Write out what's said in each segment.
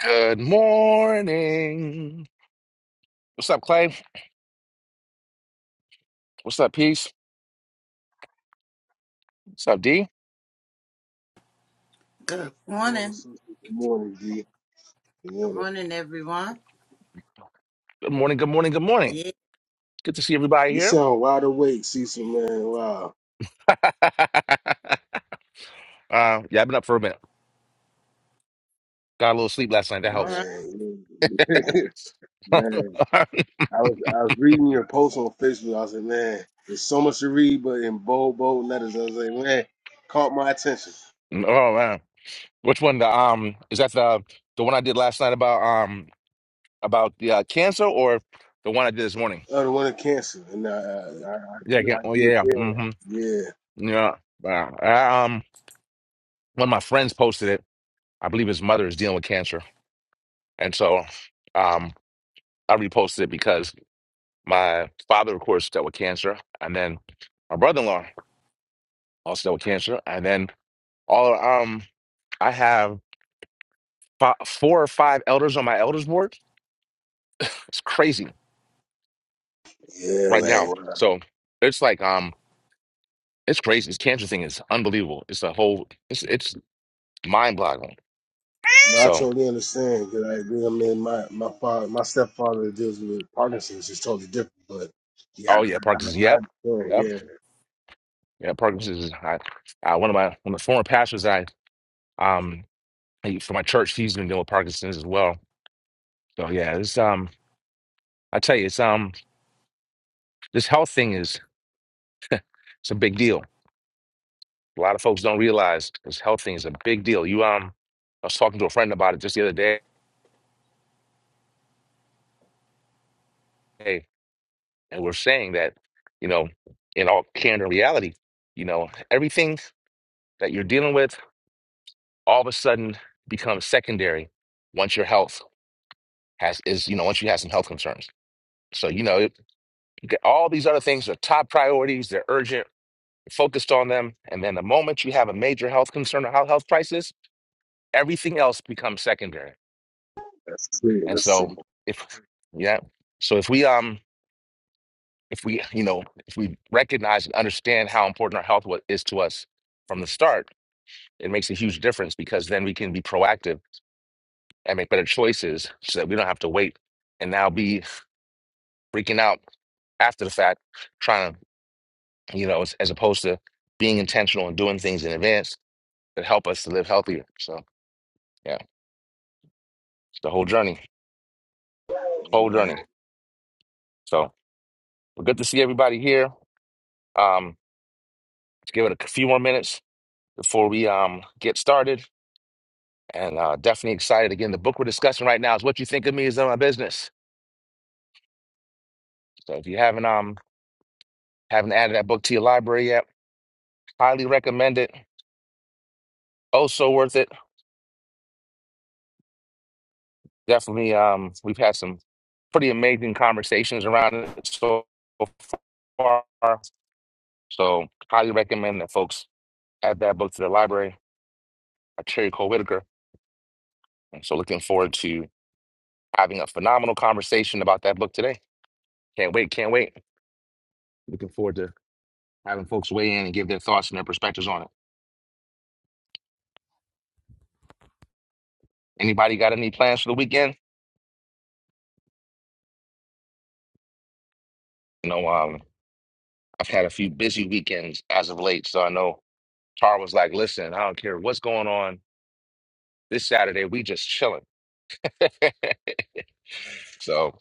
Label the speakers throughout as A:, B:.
A: Good morning. What's up, Clay? What's up, Peace? What's up, D?
B: Good
C: Good morning,
B: morning.
C: sister. Good morning, D. Good
B: Good
C: morning.
B: morning, everyone.
A: Good morning, good morning, good morning.
B: Yeah.
A: Good to see everybody
C: You
A: here.
C: sound wide awake, Cecil, man. Wow.
A: uh, yeah, I've been up for a minute. Got a little sleep last night. That
B: All
A: helps.
B: right.
C: Man.
A: oh
C: man. I was I was reading your post on Facebook. I said, man, there's so much to read, but in bold, bold letters. I was like, man, caught my attention.
A: man. Which one? The um is that the the one I did last night about um about the uh, cancer or the one I did this morning?
C: Oh, the one in cancer. And I I I, I,
A: Yeah,
C: do-
A: yeah.
C: I
A: Oh yeah.
C: do
A: yeah.
C: yeah.
A: Mm-hmm.
C: Yeah.
A: Yeah. Uh, I, um one of my friends posted it. I believe his mother is dealing with cancer. And so um I reposted it because my father, of course, dealt with cancer, and then my brother-in-law also dealt with cancer, and then all um I have fi- four or five elders on my elders board. It's crazy
C: Yeah,
A: right
C: man.
A: now.
C: Wow.
A: So it's like um it's crazy. This cancer thing is unbelievable. It's a whole it's it's mind-boggling.
C: No, I
A: So
C: totally understand because I agree. I mean, my my father, my stepfather deals with Parkinson's. It's totally different, but yeah, I,
A: oh yeah, Parkinson's.
C: I,
A: Yep,
C: I
A: yep,
C: understand.
A: yeah. Parkinson's. Is, I, I one of my one of the former pastors I um he- for my church, he's been dealing with Parkinson's as well. So yeah, it's um I tell you, it's um. This health thing is it's a big deal. A lot of folks don't realize this health thing is a big deal. You um, I was talking to a friend about it just the other day, and we're saying that, you know, in all candor and reality, you know, everything that you're dealing with all of a sudden becomes secondary once your health has is you know once you have some health concerns. So you know, it, all these other things are top priorities. They're urgent, focused on them, and then the moment you have a major health concern or health health crisis, everything else becomes secondary.
C: That's true.
A: And
C: That's
A: so
C: true.
A: if yeah, so if we um if we you know if we recognize and understand how important our health wa- is to us from the start, it makes a huge difference because then we can be proactive and make better choices so that we don't have to wait and now be freaking out after the fact, trying to you know as, as opposed to being intentional and doing things in advance that help us to live healthier. So yeah, it's the whole journey, whole
C: Amen.
A: journey. So we're good to see everybody here. Um, let's give it a few more minutes before we um get started. And uh, definitely excited. Again, the book we're discussing right now is "What You Think of Me Is None of My Business." So if you haven't um haven't added that book to your library yet, highly recommend it. Oh, so worth it. Definitely. Um, we've had some pretty amazing conversations around it so far. So highly recommend that folks add that book to the library by Cherry Cole Whitaker. And so looking forward to having a phenomenal conversation about that book today. Can't wait. Can't wait. Looking forward to. having folks weigh in and give their thoughts and their perspectives on it. Anybody got any plans for the weekend? You know, um, I've had a few busy weekends as of late, so I know Tar was like, "Listen, I don't care what's going on this Saturday. We just chilling." so,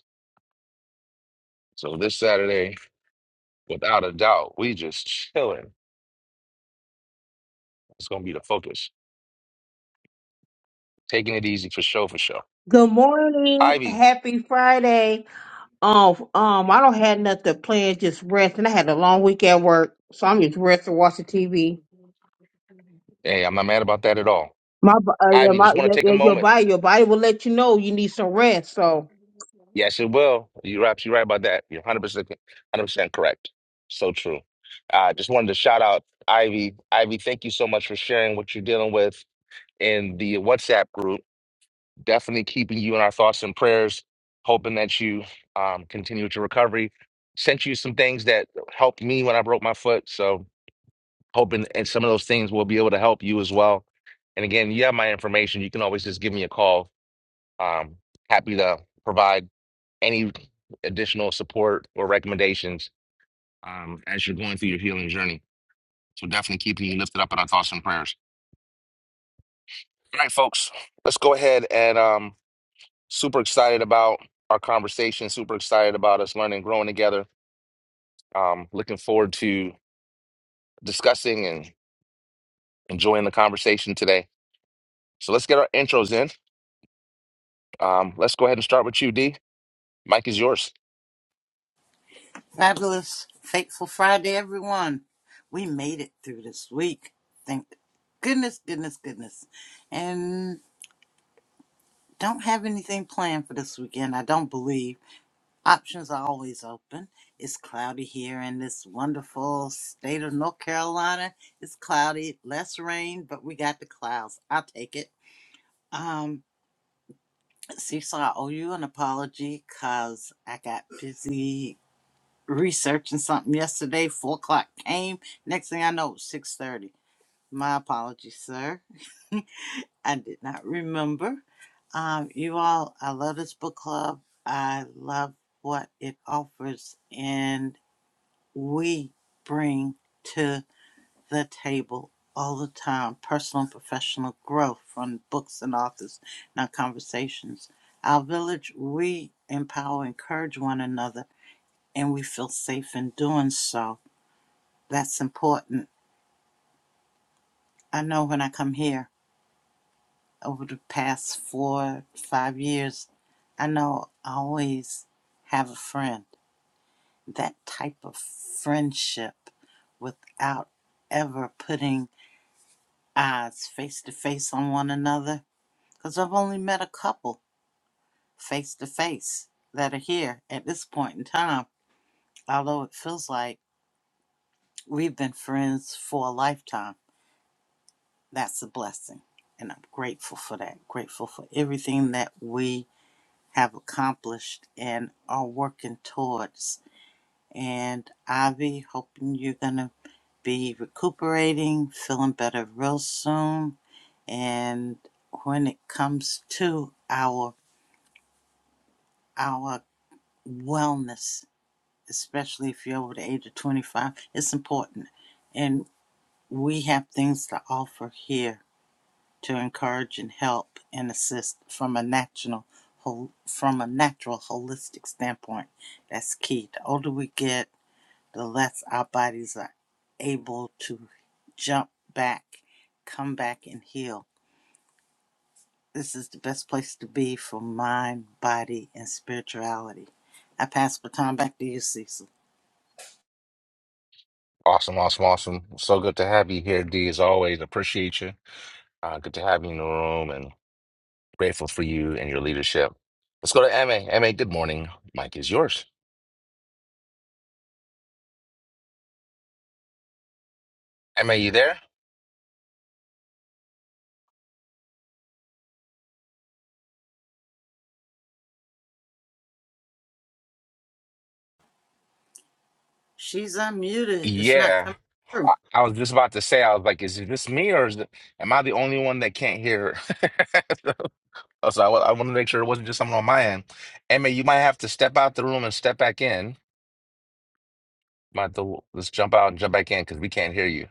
A: so this Saturday, without a doubt, we just chilling. It's gonna be the focus. Taking it easy for show for show.
D: Good morning.
A: Ivy,
D: Happy Friday. Um, um, I don't have nothing planned, just rest. And I had a long week at work, so I'm just resting, watching TV.
A: hey, I'm not mad about that at all.
D: My, bo- uh, yeah,
A: Ivy,
D: my,
A: just want
D: yeah,
A: to take
D: yeah,
A: a
D: your
A: moment.
D: body, your body will let you know you need some rest. So
A: Yes, it will. You're absolutely right about that. You're 100%, 100% correct. So true. I just wanted to shout out Ivy. Ivy, thank you so much for sharing what you're dealing with in the WhatsApp group. Definitely keeping you in our thoughts and prayers, hoping that you um, continue with your recovery. Sent you some things that helped me when I broke my foot. So, hoping and some of those things will be able to help you as well. And again, you have my information. You can always just give me a call. Um, happy to provide any additional support or recommendations um, as you're going through your healing journey. So definitely keeping you lifted up in our thoughts and prayers. All right, folks, let's go ahead and um, super excited about our conversation. Super excited about us learning, growing together. Um, looking forward to discussing and enjoying the conversation today. So let's get our intros in. Um, let's go ahead and start with you, D. Mike is yours.
B: Fabulous, fateful Friday, everyone. We made it through this week. Thank goodness, goodness, goodness. And don't have anything planned for this weekend. I don't believe. Options are always open. It's cloudy here in this wonderful state of North Carolina. It's cloudy, less rain, but we got the clouds. I'll take it. Um, Cecil, I owe you an apology because I got busy researching something yesterday. Four o'clock came. Next thing I know, it was six thirty. My apologies, sir. I did not remember. Um, you all, I love this book club. I love what it offers, and we bring to the table all the time personal and professional growth from books and authors, and Our conversations. Our village, we empower, encourage one another, and we feel safe in doing so That's important. I know when I come here over the past four, five years, I know I always have a friend. That type of friendship without ever putting eyes face to face on one another. Because I've only met a couple face to face that are here at this point in time, although it feels like we've been friends for a lifetime. That's a blessing. And I'm grateful for that. Grateful for everything that we have accomplished and are working towards. And Ivy, hoping you're going to be recuperating, feeling better real soon. And when it comes to our our wellness, especially if you're over the age of 25, it's important. And we have things to offer here to encourage and help and assist from a national whole from a natural holistic standpoint. That's key. The older we get, the less our bodies are able to jump back, come back and heal. This is the best place to be for mind, body, and spirituality. I pass the baton back to you, Cecil.
A: Awesome, awesome, awesome. So good to have you here, D, as always. Appreciate you. Uh, good to have you in the room and. Grateful for you and your leadership. Let's go to MA. MA, good morning. Mike is yours. MA, you there?
B: She's unmuted. It's not
A: Yeah.
B: coming through.
A: I, I was just about to say, I was like, is it just me or is it, am I the only one that can't hear? so I, wa- I want to make sure it wasn't just someone on my end. Emma, you might have to step out the room and step back in. Might have to, let's jump out and jump back in because we can't hear you.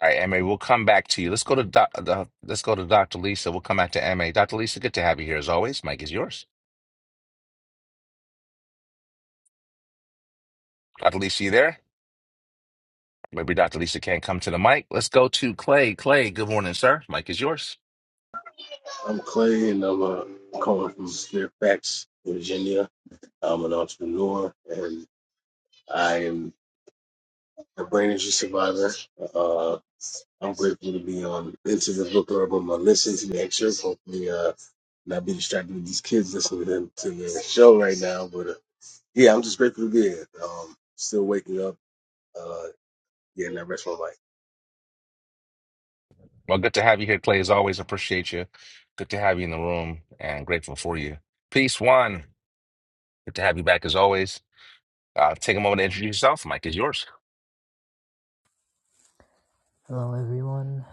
A: All right, Emma, we'll come back to you. Let's go to doc, the, let's go to Dr. Lisa. We'll come back to Emma. Dr. Lisa, good to have you here as always. Mike is yours. Dr. Lisa, you there? Maybe Dr. Lisa can't come to the mic. Let's go to Clay. Clay, good morning, sir. Mic is yours.
C: I'm Clay, and I'm uh, calling from Fairfax, Virginia. I'm an entrepreneur, and I am a brain injury survivor. Uh, I'm grateful to be on into the book club. I'm uh, listening to the excerpt. Hopefully, uh, not be distracted with these kids listening to them- to the show right now. But uh, yeah, I'm just grateful to be here. Um, still waking up. Uh, yeah, and I rest my life.
A: Well, good to have you here, Clay. As always, appreciate you. Good to have you in the room and grateful for you. Peace, One. Good to have you back as always. Uh, take a moment to introduce yourself. Mic is yours.
E: Hello everyone.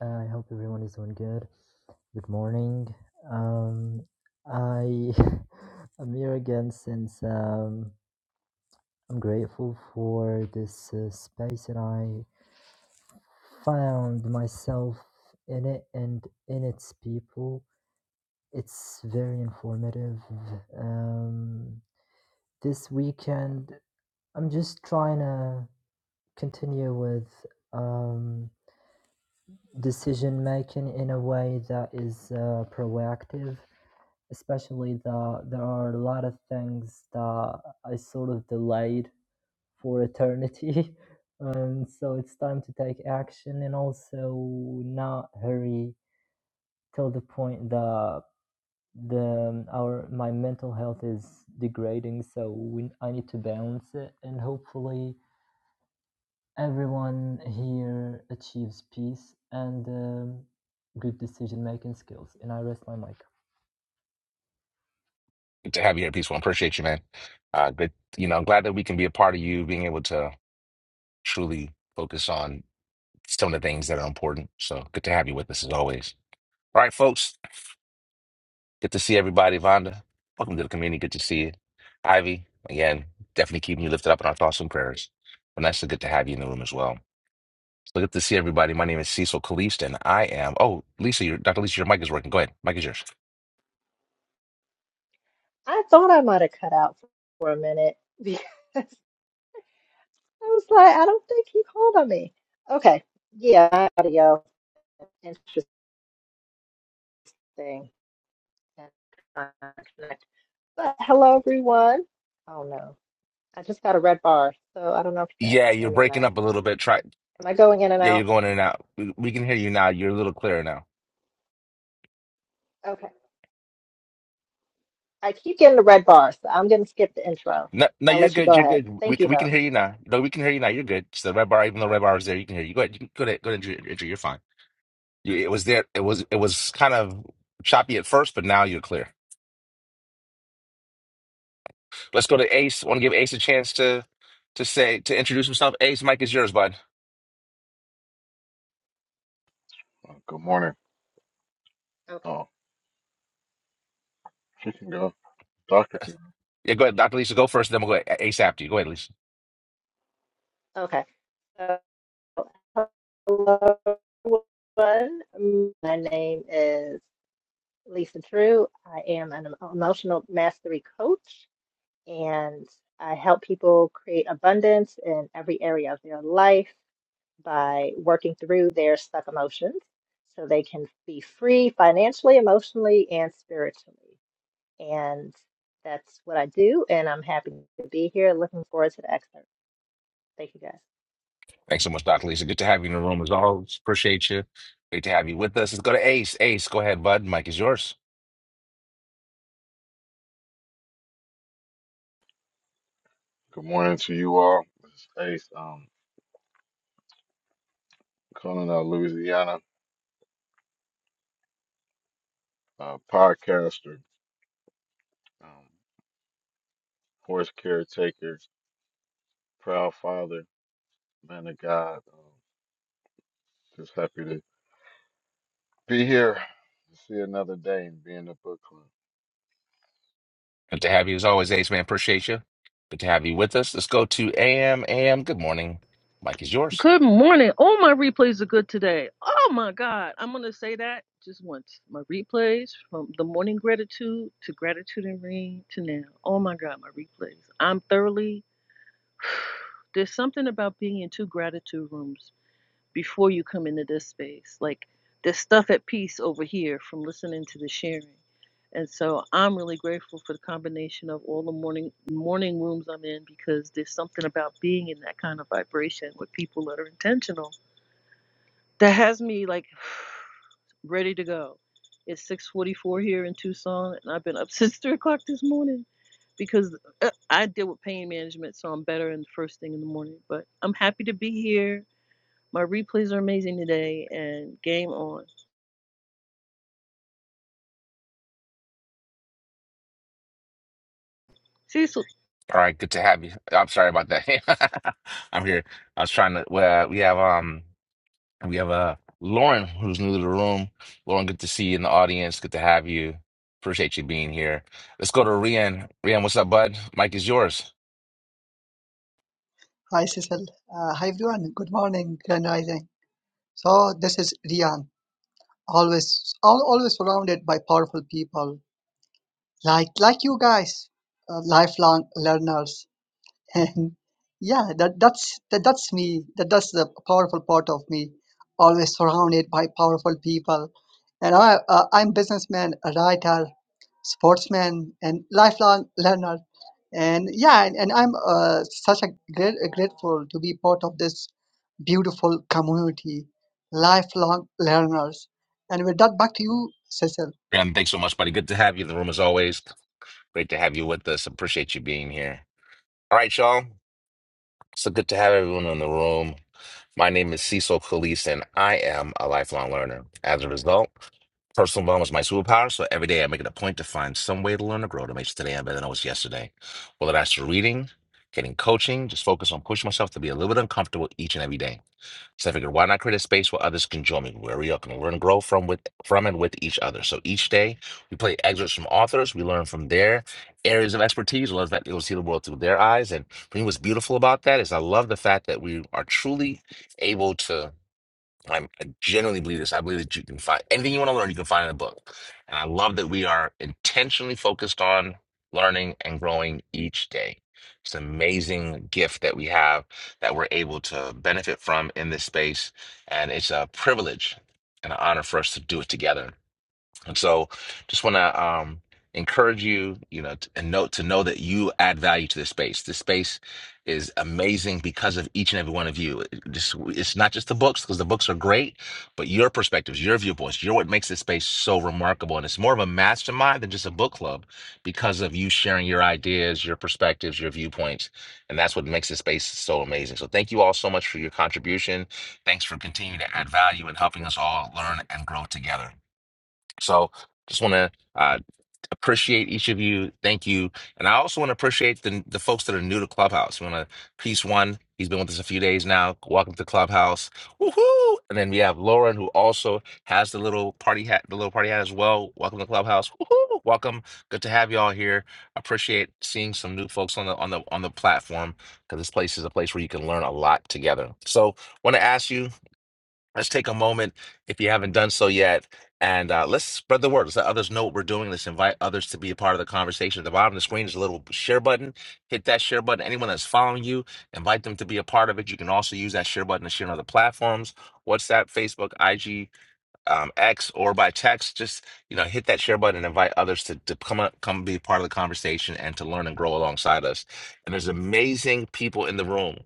E: I hope everyone is doing good. Good morning. Um, I I'm here again since um, I'm grateful for this uh, space and I found myself in it and in its people. It's very informative. Um, this weekend I'm just trying to continue with um, decision making in a way that is uh, proactive especially that there are a lot of things that i sort of delayed for eternity and so it's time to take action and also not hurry till the point that the um, our my mental health is degrading so we, i need to balance it and hopefully Everyone here achieves peace and um, good decision making skills. And I rest my mic.
A: Good to have you here, Peace One. Appreciate you, man. Uh, good. You know, I'm glad that we can be a part of you being able to truly focus on some of the things that are important. So good to have you with us as always. All right, folks. Good to see everybody, Vonda. Welcome to the community. Good to see you. Ivy, again, definitely keeping you lifted up in our thoughts and prayers. Vanessa, good to have you in the room as well. So good to see everybody. My name is Cecil Kalist, and I am. Oh, Lisa, your, Dr. Lisa, your mic is working. Go ahead. Mic is yours.
F: I thought I might have cut out for a minute because I was like, I don't think he called on me. Okay. Yeah, audio. Interesting. And, uh, connect. But hello, everyone. Oh, no. I just got a red bar, so I don't know if you guys
A: Yeah,
F: can hear
A: you're
F: me or
A: breaking
F: not.
A: up a little bit. Try.
F: Am I going in and
A: Yeah, you're
F: out?
A: going in and out. We, we can hear you now. You're a little clearer now.
F: Okay. I keep getting the red bar, so I'm going to skip the intro.
A: No, no,
F: I'll
A: you're
F: let you
A: good.
F: go
A: You're
F: ahead.
A: good. We,
F: Thank you,
A: can- we
F: though.
A: can hear you now. No, we can hear you now. You're good. It's the red bar, even though the red bar is there, you can hear you. Go ahead. You can, go ahead. Go ahead. Andrew. Andrew, You're fine. You, it was there. It was. It was kind of choppy at first, but now you're clear. Let's go to Ace. Want to give Ace a chance to to say to introduce himself. Ace, Mike is yours, bud.
G: Uh, Good morning.
F: Okay.
G: Oh, she can go. Doctor can go.
A: Yeah, go ahead, Dr. Lisa. Go first, then we'll go A- Ace after you. Go ahead, Lisa.
F: Okay. So, hello, everyone. My name is Lisa True. I am an emotional mastery coach and I help people create abundance in every area of their life by working through their stuck emotions so they can be free financially, emotionally, and spiritually. And that's what I do. And I'm happy to be here. Looking forward to the excerpt. Thank you guys.
A: Thanks so much, Dr. Lisa. Good to have you in the room as always. Appreciate you. Great to have you with us. Let's go to Ace. Ace, go ahead, bud. Mike is yours.
G: Good morning to you all. This is Ace, um, calling out Louisiana, uh, podcaster, um, horse caretaker, proud father, man of God. Um, just happy to be here, to see another day and be in the book club.
A: Good to have you as always, Ace man. Appreciate you. Good to have you with us. Let's go to AM. AM. Good morning. Mike is yours.
H: Good morning. All my replays are good today. Oh my God. I'm going to say that just once. My replays from the morning gratitude to gratitude and rain to now. Oh my God, my replays. I'm thoroughly. There's something about being in two gratitude rooms before you come into this space. Like there's stuff at peace over here from listening to the sharing. And so I'm really grateful for the combination of all the morning morning rooms I'm in because there's something about being in that kind of vibration with people that are intentional that has me like ready to go. It's 6:44 here in Tucson, and I've been up since three o'clock this morning because uh, I deal with pain management, so I'm better in the first thing in the morning. But I'm happy to be here. My replays are amazing today and game on. Cecil,
A: All right, good to have you. I'm sorry about that. I'm here. I was trying to. Well, we have um. We have uh Lauren who's new to the room. Lauren, good to see you in the audience. Good to have you. Appreciate you being here. Let's go to Rian. Rian, what's up, bud? Mike is yours.
I: Hi, Cecil. Uh, hi, everyone. Good morning, Grand Rising. So this is Rian. Always, al- always surrounded by powerful people like like you guys, uh, lifelong learners and yeah that that's that, that's me that that's the powerful part of me always surrounded by powerful people and i uh, i'm businessman a writer sportsman and lifelong learner and yeah and, and i'm uh, such a great grateful to be part of this beautiful community lifelong learners and with that back to you cecil
A: Rian, thanks so much, buddy. Good to have you in the room as always. Great to have you with us. Appreciate you being here. All right, y'all. So good to have everyone in the room. My name is Cecil Kalise, and I am a lifelong learner. As a result, personal development is my superpower. So every day I make it a point to find some way to learn or grow to make today better than I was yesterday. Whether that's through reading, getting coaching, just focus on pushing myself to be a little bit uncomfortable each and every day. So I figured, why not create a space where others can join me, where we all can learn, grow from with from and with each other. So each day we play excerpts from authors, we learn from their areas of expertise, we'll, that, we'll see the world through their eyes. And for me, what's beautiful about that is I love the fact that we are truly able to I'm, I genuinely believe this. I believe that you can find anything you want to learn, you can find in a book. And I love that we are intentionally focused on learning and growing each day. It's an amazing gift that we have that we're able to benefit from in this space. And it's a privilege and an honor for us to do it together. And so just want to um, encourage you, you know, t- and note to know that you add value to this space. This space is amazing because of each and every one of you. It- This, it's not just the books because the books are great, but your perspectives, your viewpoints, you're what makes this space so remarkable. And it's more of a mastermind than just a book club because of you sharing your ideas, your perspectives, your viewpoints. And that's what makes this space so amazing. So thank you all so much for your contribution. Thanks for continuing to add value and helping us all learn and grow together. So just want to uh, appreciate each of you. Thank you. And I also want to appreciate the, the folks that are new to Clubhouse. We want to piece one. He's been with us a few days now. Welcome to Clubhouse. Woohoo! And then we have Lauren, who also has the little party hat, the little party hat as well. Welcome to Clubhouse. Woohoo! Welcome. Good to have you all here. Appreciate seeing some new folks on the on the on the platform because this place is a place where you can learn a lot together. So want to ask you Let's take a moment if you haven't done so yet, and uh, let's spread the word. Let's let others know what we're doing. Let's invite others to be a part of the conversation. At the bottom of the screen is a little share button. Hit that share button. Anyone that's following you, invite them to be a part of it. You can also use that share button to share on other platforms, WhatsApp, Facebook, IG, um, X, or by text. Just you know, hit that share button and invite others to, to come up, come be a part of the conversation and to learn and grow alongside us. And there's amazing people in the room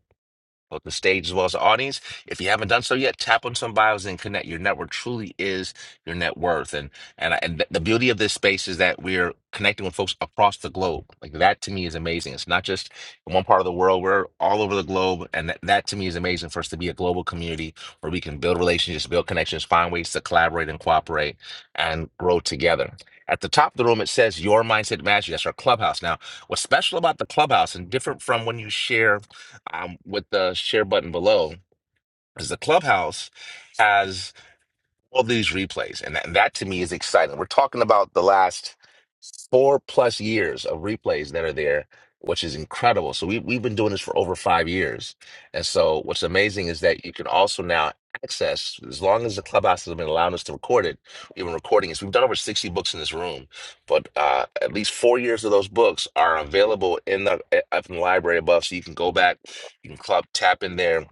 A: both the stage as well as the audience. If you haven't done so yet, tap on some bios and connect. Your network truly is your net worth, and and I, and th- the beauty of this space is that we're connecting with folks across the globe. Like that to me is amazing. It's not just in one part of the world; we're all over the globe, and that, that to me is amazing for us to be a global community where we can build relationships, build connections, find ways to collaborate and cooperate, and grow together. At the top of the room, it says "Your Mindset Mastery." That's our clubhouse. Now, what's special about the clubhouse and different from when you share? um, with the share button below is the clubhouse has all these replays and that, and that to me is exciting we're talking about the last four plus years of replays that are there which is incredible so we, we've been doing this for over five years and so what's amazing is that you can also now access as long as the clubhouse has been allowing us to record it even recording is we've done over 60 books in this room but uh, at least four years of those books are available in the eh, up in the library above so you can go back you can club tap in there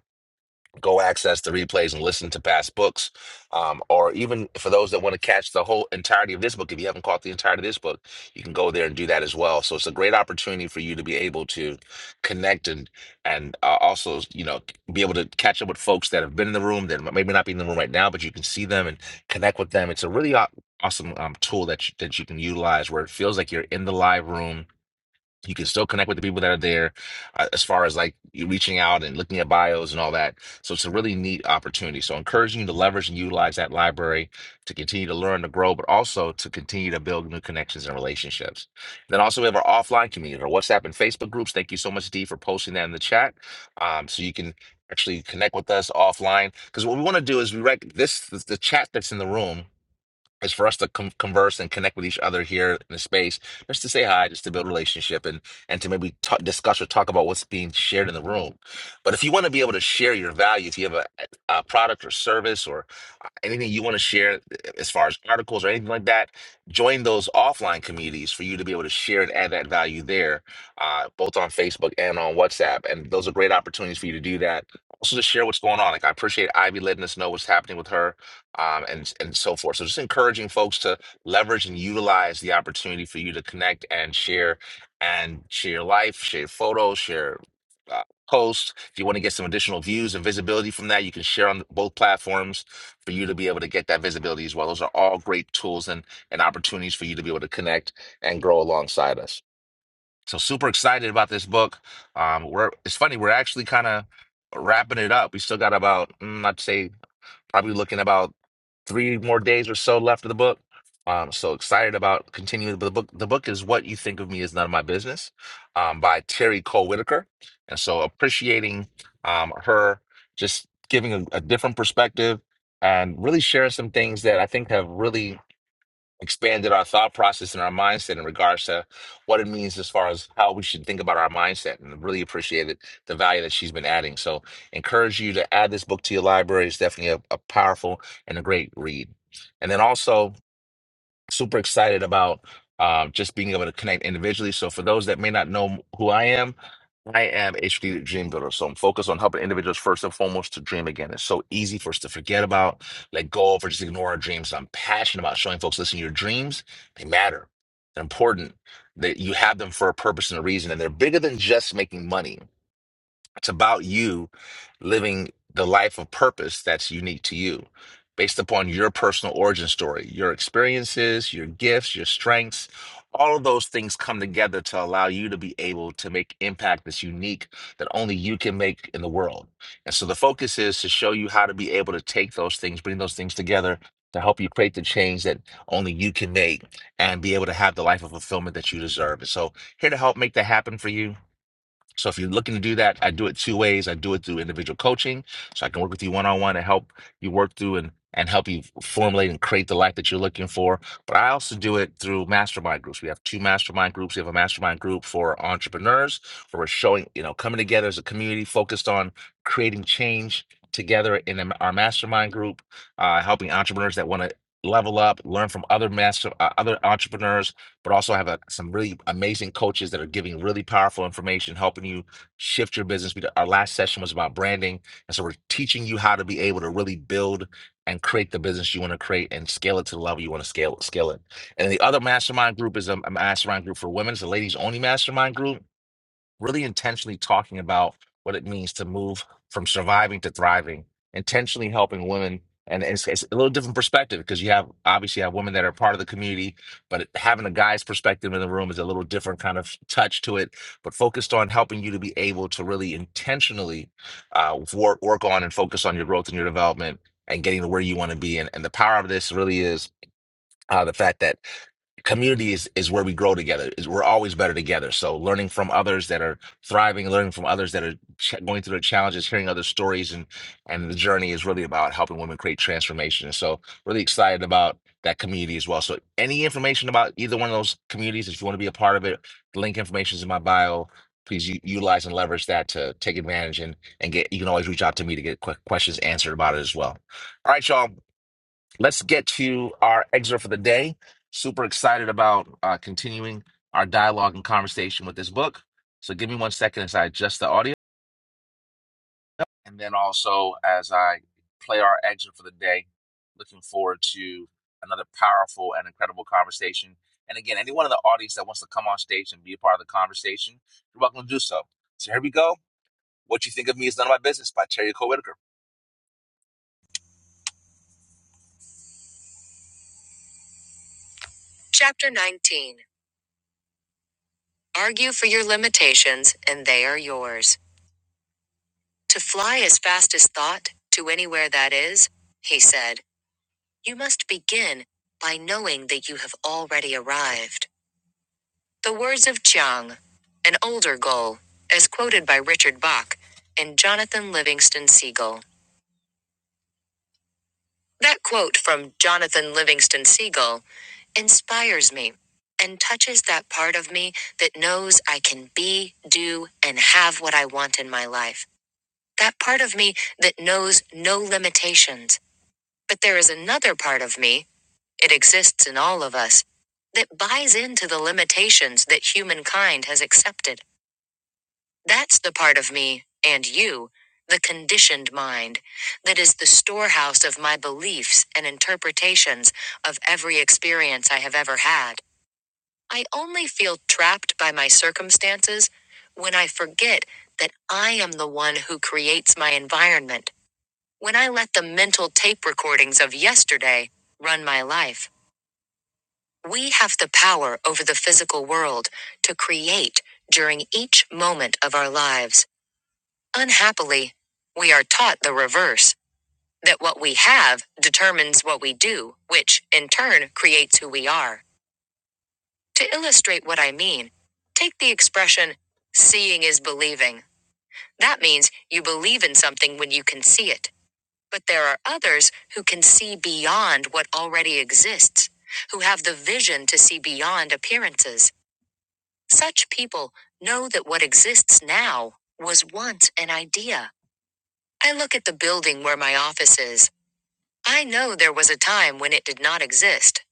A: go access the replays and listen to past books um, or even for those that want to catch the whole entirety of this book if you haven't caught the entirety of this book you can go there and do that as well so it's a great opportunity for you to be able to connect and and uh, also you know be able to catch up with folks that have been in the room that maybe not be in the room right now but you can see them and connect with them it's a really au- awesome um, tool that you, that you can utilize where it feels like you're in the live room you can still connect with the people that are there uh, as far as like you reaching out and looking at bios and all that so it's a really neat opportunity so encouraging you to leverage and utilize that library to continue to learn to grow but also to continue to build new connections and relationships then also we have our offline community our whatsapp and facebook groups thank you so much dee for posting that in the chat um, so you can actually connect with us offline because what we want to do is we rec- this, this the chat that's in the room is for us to con converse and connect with each other here in the space, just to say hi, just to build a relationship, and and to maybe ta discuss or talk about what's being shared in the room. But if you want to be able to share your value, if you have a, a product or service or uh, anything you want to share uh, as far as articles or anything like that, join those offline communities for you to be able to share and add that value there, uh, both on Facebook and on WhatsApp. And those are great opportunities for you to do that. Also, to share what's going on. Like I appreciate Ivy letting us know what's happening with her um, and and so forth. So just encouraging folks to leverage and utilize the opportunity for you to connect and share and share your life, share photos, share uh, posts. If you want to get some additional views and visibility from that, you can share on both platforms for you to be able to get that visibility as well. Those are all great tools and and opportunities for you to be able to connect and grow alongside us. So super excited about this book. Um, we're it's funny we're actually kind of wrapping it up. We still got about mm, I'd say probably looking about three more days or so left of the book. I'm so excited about continuing the book. The book is What You Think of Me Is None of My Business um, by Terry Cole Whitaker. And so appreciating um, her just giving a, a different perspective and really sharing some things that I think have really expanded our thought process and our mindset in regards to what it means as far as how we should think about our mindset and really appreciated the value that she's been adding so encourage you to add this book to your library it's definitely a, a powerful and a great read and then also super excited about um, just being able to connect individually. So, for those that may not know who I am, I am a strategic dream builder. So, I'm focused on helping individuals first and foremost to dream again. It's so easy for us to forget about, let go of, or just ignore our dreams. I'm passionate about showing folks, listen, your dreams, they matter. They're important. That you have them for a purpose and a reason, and they're bigger than just making money. It's about you living the life of purpose that's unique to you, based upon your personal origin story, your experiences, your gifts, your strengths. All of those things come together to allow you to be able to make impact that's unique that only you can make in the world. And so the focus is to show you how to be able to take those things, bring those things together to help you create the change that only you can make and be able to have the life of fulfillment that you deserve. And so here to help make that happen for you so if you're looking to do that, I do it two ways. I do it through individual coaching, so I can work with you one on one and help you work through and and help you formulate and create the life that you're looking for. But I also do it through mastermind groups. We have two mastermind groups. We have a mastermind group for entrepreneurs where we're showing, you know, coming together as a community focused on creating change together in a- our mastermind group, uh, helping entrepreneurs that want to level up, learn from other master, uh, other entrepreneurs, but also have a, some really amazing coaches that are giving really powerful information, helping you shift your business. We, did- our last session was about branding. And so we're teaching you how to be able to really build and create the business you want to create and scale it to the level you want to scale, scale it. And the other mastermind group is a, a mastermind group for women. It's a ladies only mastermind group really intentionally talking about what it means to move from surviving to thriving, intentionally helping women. And it's, it's a little different perspective because you have obviously you have women that are part of the community, but it- having a guy's perspective in the room is a little different kind of touch to it. But focused on helping you to be able to really intentionally uh, work work on and focus on your growth and your development and getting to where you want to be. And, and the power of this really is. Uh, the fact that community is, is where we grow together. Is we're always better together. So learning from others that are thriving, learning from others that are ch- going through their challenges, hearing other stories, and and the journey is really about helping women create transformation. And so really excited about that community as well. So any information about either one of those communities, if you want to be a part of it, the link information is in my bio. Please u- utilize and leverage that to take advantage and and get. You can always reach out to me to get que- questions answered about it as well. All right, y'all let's get to our excerpt for the day. Super excited about uh, continuing our dialogue and conversation with this book. So give me one second as I adjust the audio. And then also as I play our excerpt for the day, looking forward to another powerful and incredible conversation. And again, anyone in the audience that wants to come on stage and be a part of the conversation, you're welcome to do so. So here we go. What you think of me is none of my business by Terry Cole Whitaker. Chapter 19 Argue for your limitations, and they are yours. To fly as fast as thought, to anywhere that is, he said, you must begin by knowing that you have already arrived. The words of Chiang, an older goal, as quoted by Richard Bach and Jonathan Livingston Seagull. That quote from Jonathan Livingston Seagull inspires me and touches that part of me that knows I can be, do, and have what I want in my life. That part of me that knows no limitations But there is another part of me, it exists in all of us, that buys into the limitations that humankind has accepted. That's the part of me, and you, the conditioned mind, that is the storehouse of my beliefs and interpretations of every experience I have ever had. I only feel trapped by my circumstances when I forget that I am the one who creates my environment when I let the mental tape recordings of yesterday run my life, we have the power over the physical world to create during each moment of our lives. Unhappily, we are taught the reverse that what we have determines what we do, which in turn creates who we are. To illustrate what I mean, take the expression, seeing is believing. That means you believe in something when you can see it. But there are others who can see beyond what already exists, who have the vision to see beyond appearances. Such people know that what exists now was once an idea. I look at the building where my office is. I know there was a time when it did not exist.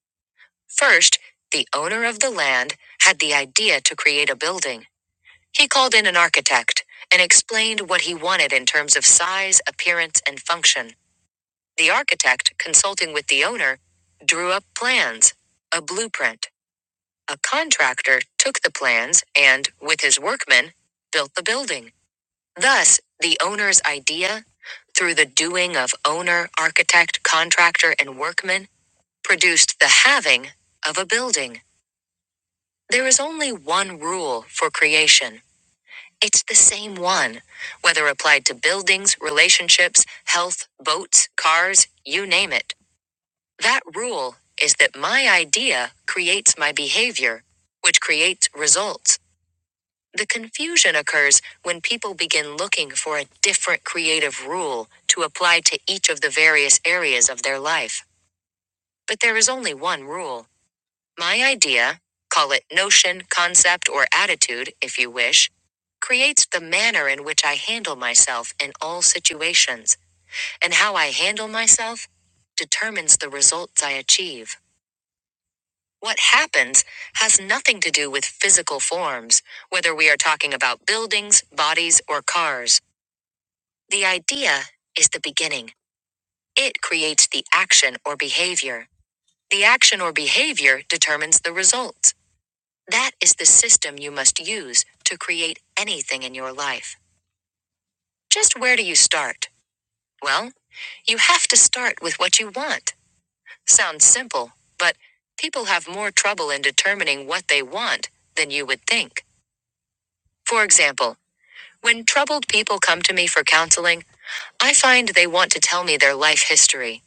A: First, the owner of the land had the idea to create a building. He called in an architect and explained what he wanted in terms of size, appearance, and function. The architect, consulting with the owner, drew up plans, a blueprint. A contractor took the plans and, with his workmen, built the building. Thus, the owner's idea, through the doing of owner, architect, contractor, and workmen, produced the having of a building. There is only one rule for creation. It's the same one, whether applied to buildings, relationships, health, boats, cars, you name it. That rule is that my idea creates my behavior, which creates results. The confusion occurs when people begin looking for a different creative rule to apply to each of the various areas of their life. But there is only one rule. My idea, call it notion, concept, or attitude if you wish, creates the manner in which I handle myself in all situations, and how I handle myself determines the results I achieve. What happens has nothing to do with physical forms, whether we are talking about buildings, bodies, or cars. The idea is the beginning. It creates the action or behavior. The action or behavior determines the results. That is the system you must use to create anything in your life. Just where do you start? Well, you have to start with what you want. Sounds simple, but people have more trouble in determining what they want than you would think. For example, when troubled people come to me for counseling, I find they want to tell me their life history.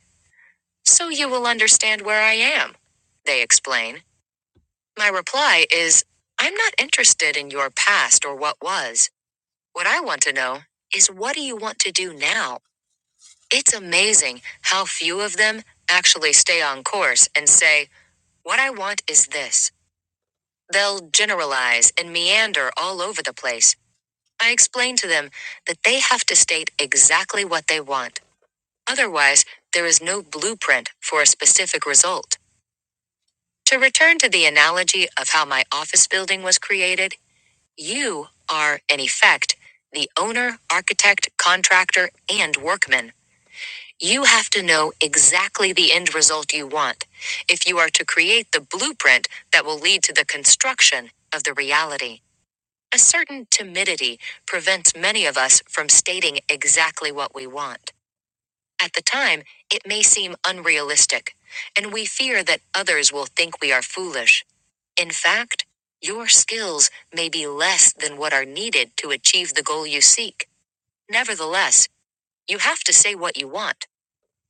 A: So you will understand where I am, they explain. My reply is I'm not interested in your past or what was. What I want to know is what do you want to do now? It's amazing how few of them actually stay on course and say, What I want is this. They'll generalize and meander all over the place I explain to them that they have to state exactly what they want. Otherwise, there is no blueprint for a specific result. To return to the analogy of how my office building was created, you are, in effect, the owner, architect, contractor, and workman. You have to know exactly the end result you want if you are to create the blueprint that will lead to the construction of the reality. A certain timidity prevents many of us from stating exactly what we want. At the time, it may seem unrealistic, and we fear that others will think we are foolish. In fact, your skills may be less than what are needed to achieve the goal you seek. Nevertheless, you have to say what you want,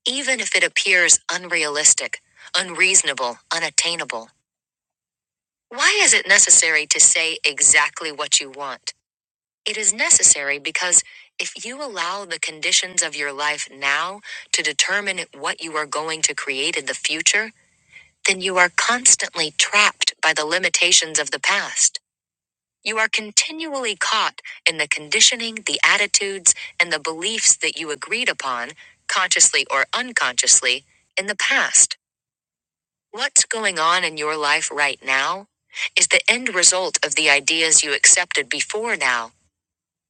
A: even if it appears unrealistic, unreasonable, unattainable. Why is it necessary to say exactly what you want? It is necessary because if you allow the conditions of your life now to determine what you are going to create in the future, then you are constantly trapped by the limitations of the past. You are continually caught in the conditioning, the attitudes, and the beliefs that you agreed upon, consciously or unconsciously, in the past. What's going on in your life right now is the end result of the ideas you accepted before now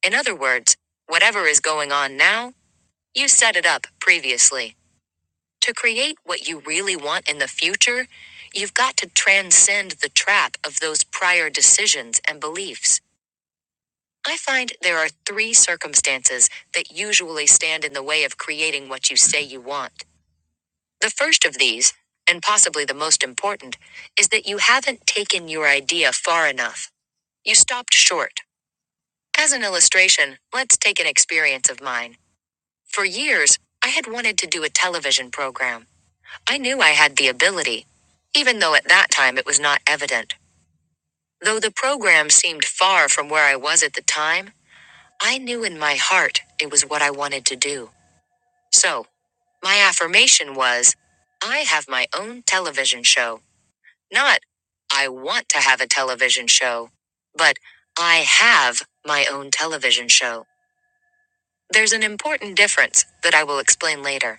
A: in other words, whatever is going on now, you set it up previously. To create what you really want in the future, you've got to transcend the trap of those prior decisions and beliefs. I find there are three circumstances that usually stand in the way of creating what you say you want. The first of these, and possibly the most important, is that you haven't taken your idea far enough. You stopped short. As an illustration, let's take an experience of mine. For years, I had wanted to do a television program. I knew I had the ability, even though at that time it was not evident. Though the program seemed far from where I was at the time, I knew in my heart it was what I wanted to do. So, my affirmation was I have my own television show. Not, I want to have a television show, but I have my own television show. There's an important difference that I will explain later.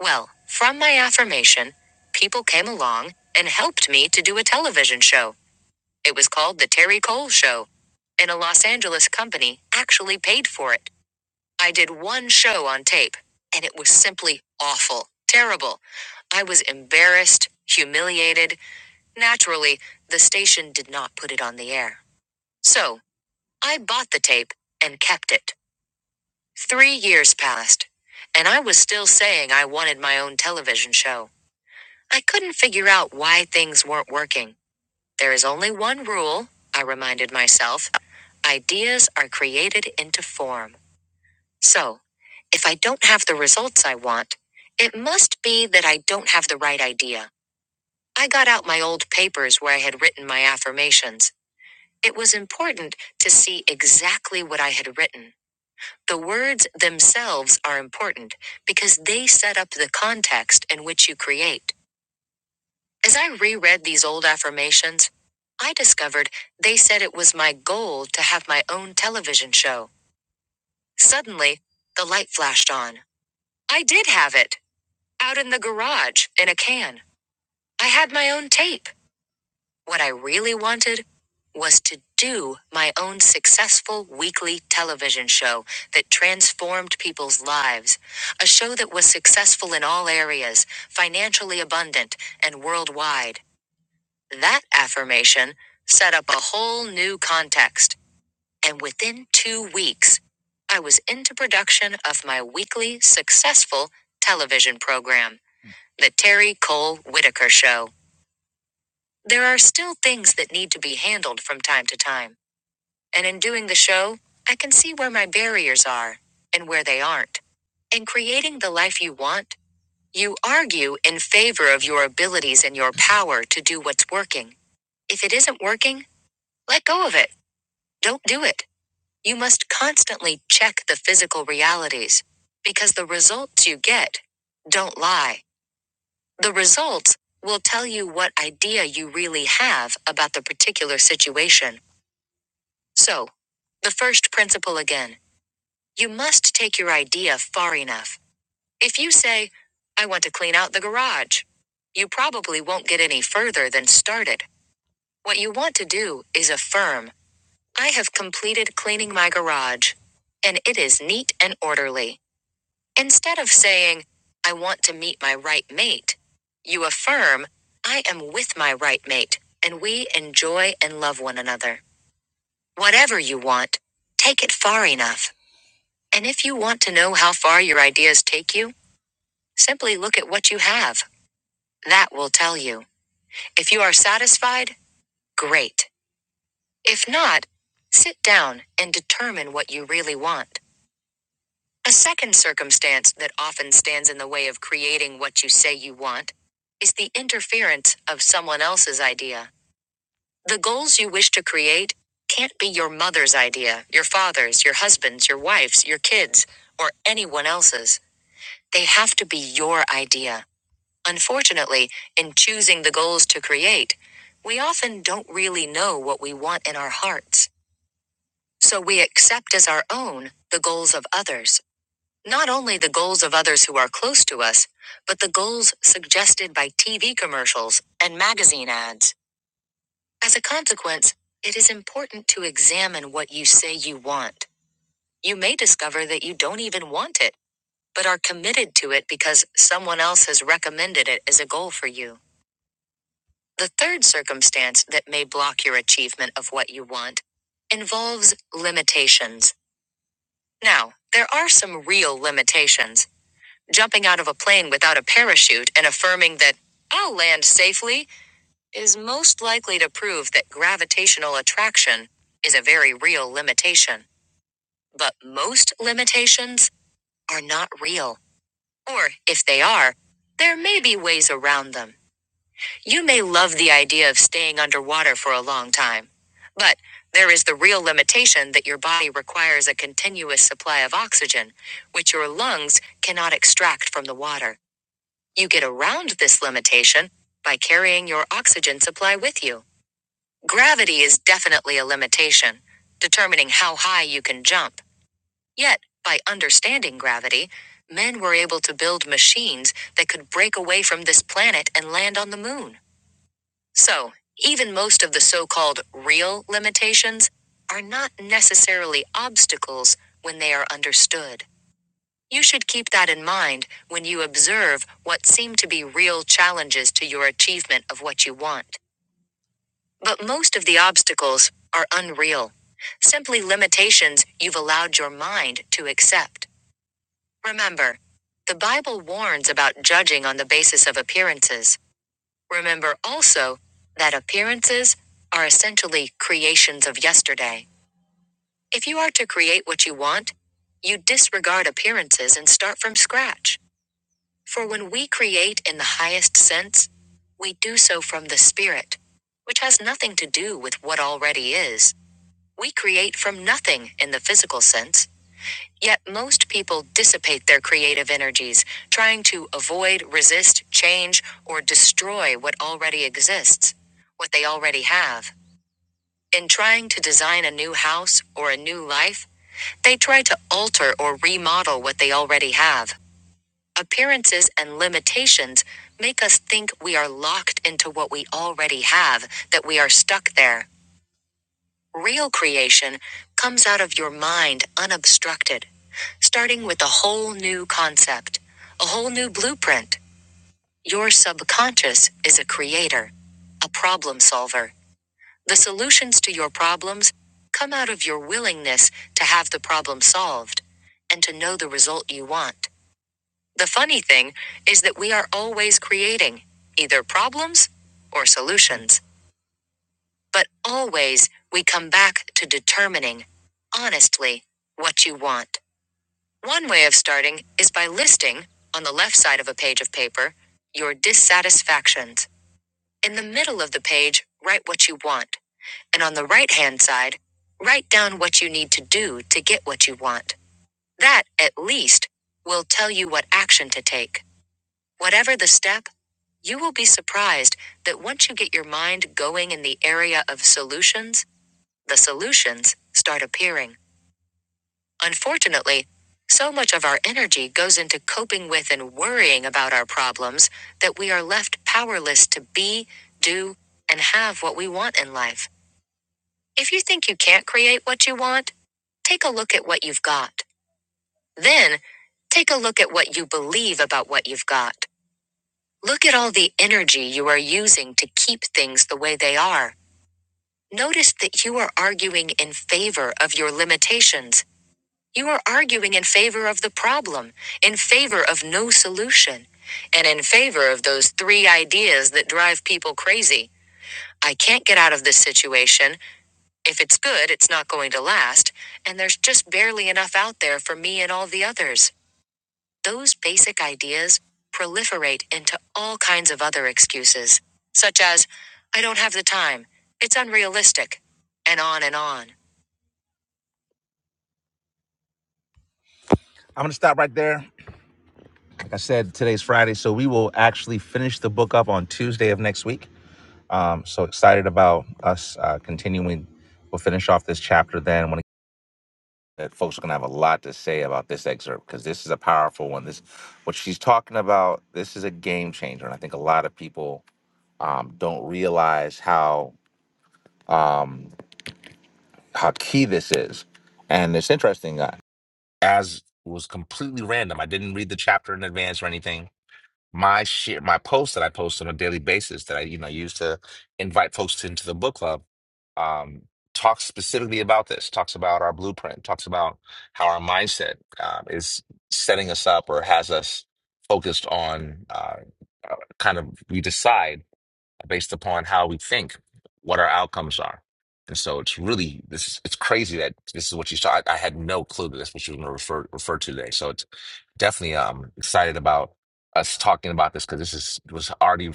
A: Well, from my affirmation, people came along and helped me to do a television show. It was called The Terry Cole Show. And a Los Angeles company actually paid for it. I did one show on tape, and it was simply awful, terrible. I was embarrassed, humiliated. Naturally, the station did not put it on the air. So, I bought the tape and kept it. Three years passed, and I was still saying I wanted my own television show. I couldn't figure out why things weren't working. There is only one rule, I reminded myself ideas are created into form. So, if I don't have the results I want, it must be that I don't have the right idea. I got out my old papers where I had written my affirmations. It was important to see exactly what I had written. The words themselves are important because they set up the context in which you create. As I reread these old affirmations, I discovered they said it was my goal to have my own television show. Suddenly, the light flashed on. I did have it, out in the garage, in a can. I had my own tape. What I really wanted was to do my own successful weekly television show that transformed people's lives. A show that was successful in all areas, financially abundant, and worldwide. That affirmation set up a whole new context, and within two weeks, I was into production of my weekly successful television program, The Terry Cole Whitaker Show. There are still things that need to be handled from time to time, and in doing the show, I can see where my barriers are and where they aren't. In creating the life you want, you argue in favor of your abilities and your power to do what's working. If it isn't working, let go of it Don't do it. You must constantly check the physical realities because the results you get don't lie. The results will tell you what idea you really have about the particular situation. So, the first principle again you must take your idea far enough. If you say, I want to clean out the garage, you probably won't get any further than started. What you want to do is affirm. I have completed cleaning my garage, and it is neat and orderly. Instead of saying, I want to meet my right mate, you affirm, I am with my right mate, and we enjoy and love one another. Whatever you want, take it far enough. And if you want to know how far your ideas take you, simply look at what you have. That will tell you. If you are satisfied, great. If not, sit down and determine what you really want. A second circumstance that often stands in the way of creating what you say you want is the interference of someone else's idea. The goals you wish to create can't be your mother's idea, your father's, your husband's, your wife's, your kids, or anyone else's. They have to be your idea. Unfortunately, in choosing the goals to create, we often don't really know what we want in our hearts. So we accept as our own the goals of others not only the goals of others who are close to us, but the goals suggested by TV commercials and magazine ads. As a consequence, it is important to examine what you say you want. You may discover that you don't even want it, but are committed to it because someone else has recommended it as a goal for you. The third circumstance that may block your achievement of what you want involves limitations. Now, there are some real limitations Jumping out of a plane without a parachute and affirming that I'll land safely is most likely to prove that gravitational attraction is a very real limitation. But most limitations are not real. Or if they are, there may be ways around them. You may love the idea of staying underwater for a long time, but there is the real limitation that your body requires a continuous supply of oxygen, which your lungs cannot extract from the water. You get around this limitation by carrying your oxygen supply with you. Gravity is definitely a limitation, determining how high you can jump. Yet, by understanding gravity, men were able to build machines that could break away from this planet and land on the moon. So, even most of the so called real limitations are not necessarily obstacles when they are understood. You should keep that in mind when you observe what seem to be real challenges to your achievement of what you want. But most of the obstacles are unreal, simply limitations you've allowed your mind to accept. Remember, the Bible warns about judging on the basis of appearances. Remember also that appearances are essentially creations of yesterday. If you are to create what you want, you disregard appearances and start from scratch. For when we create in the highest sense, we do so from the Spirit, which has nothing to do with what already is. We create from nothing in the physical sense, yet most people dissipate their creative energies, trying to avoid, resist, change, or destroy what already exists, what they already have. In trying to design a new house or a new life, they try to alter or remodel what they already have. Appearances and limitations make us think we are locked into what we already have, that we are stuck there. Real creation comes out of your mind unobstructed, starting with a whole new concept, a whole new blueprint. Your subconscious is a creator, a problem solver. The solutions to your problems come out of your willingness to have the problem solved and to know the result you want. The funny thing is that we are always creating either problems or solutions. But always we come back to determining, honestly, what you want. One way of starting is by listing, on the left side of a page of paper, your dissatisfactions. In the middle of the page, write what you want. And on the right hand side, write down what you need to do to get what you want. That, at least, will tell you what action to take. Whatever the step, you will be surprised that once you get your mind going in the area of solutions, the solutions start appearing. Unfortunately, so much of our energy goes into coping with and worrying about our problems that we are left powerless to be, do, and have what we want in life. If you think you can't create what you want, take a look at what you've got. Then, take a look at what you believe about what you've got. Look at all the energy you are using to keep things the way they are. Notice that you are arguing in favor of your limitations. You are arguing in favor of the problem, in favor of no solution, and in favor of those three ideas that drive people crazy. I can't get out of this situation. If it's good, it's not going to last. And there's just barely enough out there for me and all the others. Those basic ideas proliferate into all kinds of other excuses, such as, I don't have the time, it's unrealistic, and on and on. I'm going to stop right there. Like I said, today's Friday, so we will actually finish the book up on Tuesday of next week. Um, so excited about us uh, continuing. We'll finish off this chapter then. When that folks are going to have a lot to say about this excerpt because this is a powerful one. This, what she's talking about, this is a game changer, and I think a lot of people um, don't realize how um, how key this is. And it's interesting. Uh, as was completely random. I didn't read the chapter in advance or anything. My share, my post that I post on a daily basis that I you know use to invite folks into the book club um, talks specifically about this. Talks about our blueprint. Talks about how our mindset um, is setting us up or has us focused on uh, uh, kind of we decide based upon how we think, what our outcomes are. And so it's really this is it's crazy that this is what you saw. I, I had no clue that that's what you were going to refer refer to today. So it's definitely um excited about us talking about this because this is was already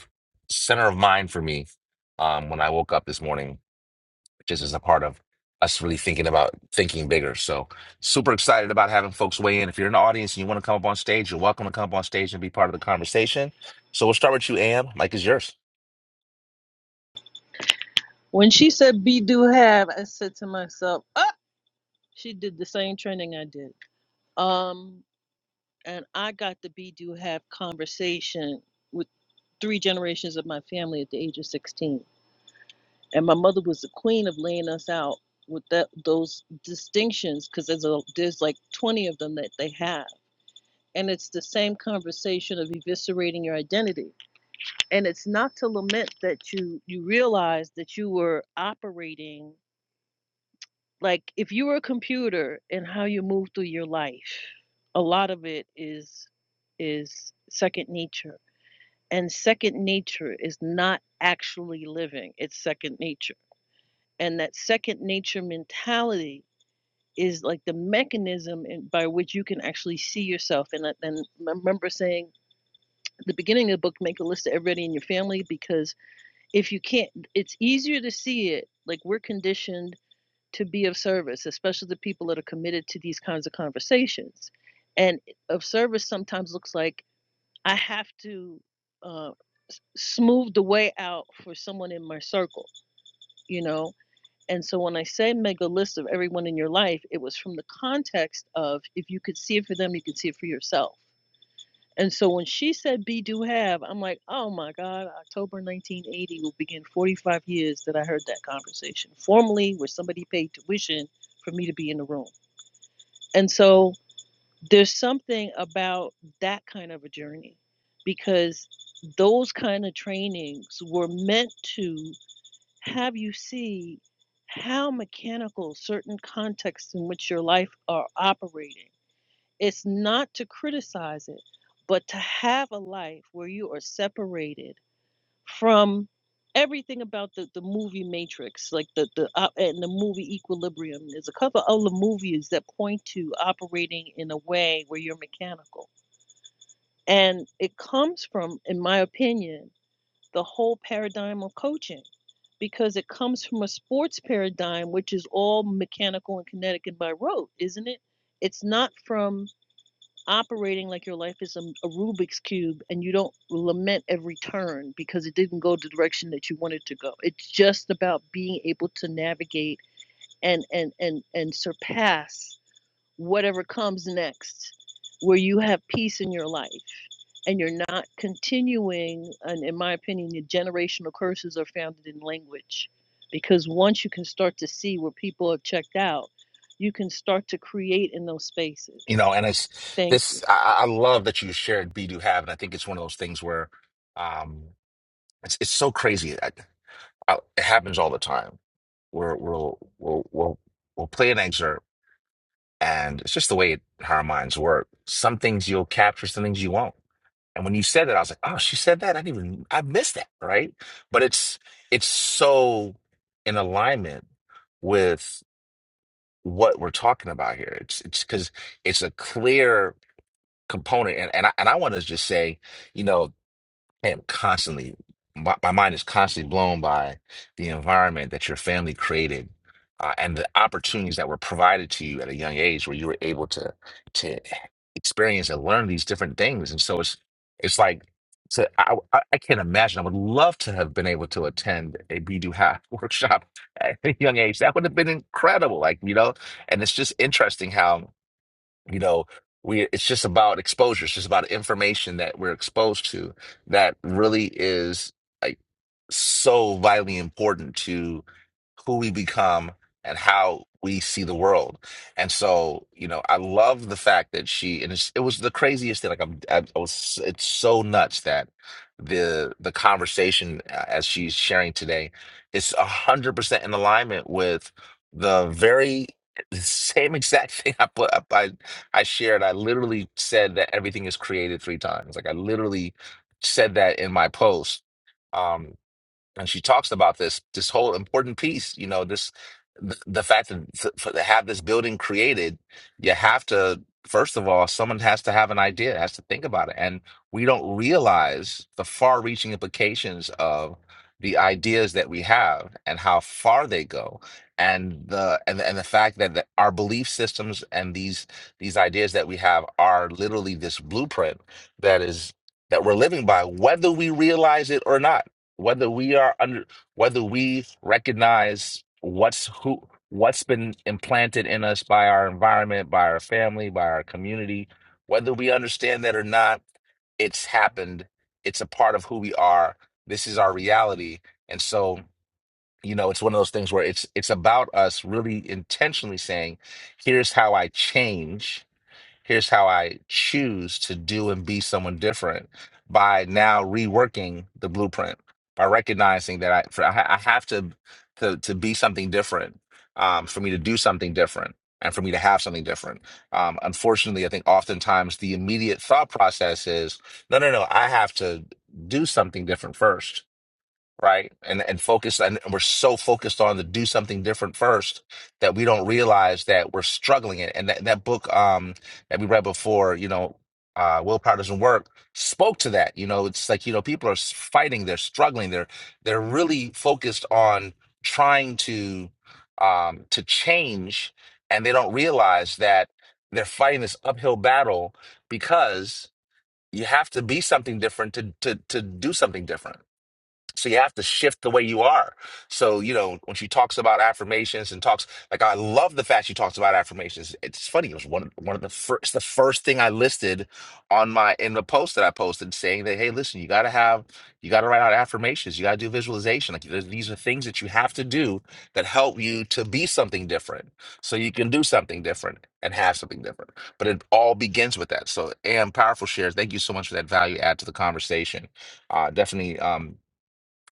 A: center of mind for me um when I woke up this morning, just as a part of us really thinking about thinking bigger. So super excited about having folks weigh in. If you're in the audience and you want to come up on stage, you're welcome to come up on stage and be part of the conversation. So we'll start with you, Am. Mike is yours.
H: when she said be do have, I said to myself, ah, she did the same training I did. Um, and I got the be do have conversation with three generations of my family at the age of 16. And my mother was the queen of laying us out with that those distinctions because there's a, there's like 20 of them that they have. And it's the same conversation of eviscerating your identity and it's not to lament that you you realize that you were operating like if you were a computer and how you move through your life a lot of it is is second nature and second nature is not actually living it's second nature and that second nature mentality is like the mechanism in, by which you can actually see yourself and I- and I remember saying at the beginning of the book make a list of everybody in your family because if you can't it's easier to see it like we're conditioned to be of service especially the people that are committed to these kinds of conversations and of service sometimes looks like i have to uh, smooth the way out for someone in my circle you know and so when i say make a list of everyone in your life it was from the context of if you could see it for them you could see it for yourself and so when she said be do have, I'm like, oh my God, October 1980 will begin 45 years that I heard that conversation, formally where somebody paid tuition for me to be in the room. And so there's something about that kind of a journey because those kind of trainings were meant to have you see how mechanical certain contexts in which your life are operating it's not to criticize it, but to have a life where you are separated from everything about the, the movie Matrix, like the the op- and the movie Equilibrium. There's a couple other movies that point to operating in a way where you're mechanical, and it comes from, in my opinion, the whole paradigm of coaching. Because it comes from a sports paradigm, which is all mechanical and kinetic and by rote, isn't it? It's not from operating like your life is a, a Rubik's cube and you don't lament every turn because it didn't go the direction that you wanted to go. It's just about being able to navigate and and and and surpass whatever comes next where you have peace in your life and you're not continuing and in my opinion the generational curses are founded in language because once you can start to see where people have checked out you can start to create in those spaces
A: you know and it's
H: thank you
A: this i, I love that you shared be do have and i think it's one of those things where um it's, it's so crazy I, I, it happens all the time we're, we'll we'll we'll we'll play an excerpt and it's just the way it, how our minds work some things you'll capture some things you won't and when you said that i was like oh she said that i didn't even i missed that right but it's it's so in alignment with what we're talking about here it's it's because it's a clear component and and I, and I want to just say you know I am constantly my, my mind is constantly blown by the environment that your family created uh, and the opportunities that were provided to you at a young age where you were able to to experience and learn these different things and so it's it's like so I, I I can't imagine. I would love to have been able to attend a Bidu Hat workshop at a young age. That would have been incredible. Like, you know, and it's just interesting how you know we it's just about exposure it's just about information that we're exposed to that really is like, so vitally important to who we become and how we see the world. And so, you know, I love the fact that she and it's, it was the craziest thing. Like I'm, I, I was, it's so nuts that the the conversation uh, as she's sharing today is a hundred percent in alignment with the very the same exact thing I put up. I I shared. I literally said that everything is created three times. Like I literally said that in my post Um, and she talks about this this whole important piece you know this the, the fact that f- for, to have this building created you have to first of all someone has to have an idea has to think about it and we don't realize the far-reaching implications of the ideas that we have and how far they go and the and, the- and the fact that the, our belief systems and these these ideas that we have are literally this blueprint that is that we're living by whether we realize it or not whether we are under whether we recognize what's who what's been implanted in us by our environment by our family by our community whether we understand that or not it's happened it's a part of who we are this is our reality and so you know it's one of those things where it's it's about us really intentionally saying here's how i change here's how I choose to do and be someone different by now reworking the blueprint by recognizing that I for, I ha- I have to to to be something different um, for me to do something different and for me to have something different. Um, unfortunately, I think oftentimes the immediate thought process is no, no, no, I have to do something different first right? And and focused and we're so focused on to do something different first that we don't realize that we're struggling it. And that, that book um that we read before, you know, uh Willpower Doesn't Work spoke to that. You know, it's like, you know, people are s- fighting, they're struggling, they're they're really focused on trying to um to change and they don't realize that they're fighting this uphill battle because you have to be something different to to to do something different so you have to shift the way you are. So, you know, when she talks about affirmations and talks, like I love the fact she talks about affirmations. It's funny. It was one of one of the first the first thing I listed on my in the post that I posted saying that, hey, listen, you gotta have you gotta write out affirmations, you gotta do visualization. Like there's- these are things that you have to do that help you to be something different. So you can do something different and have something different. But it all begins with that. So AM powerful shares, thank you so much for that value add to the conversation uh, definitely. Um,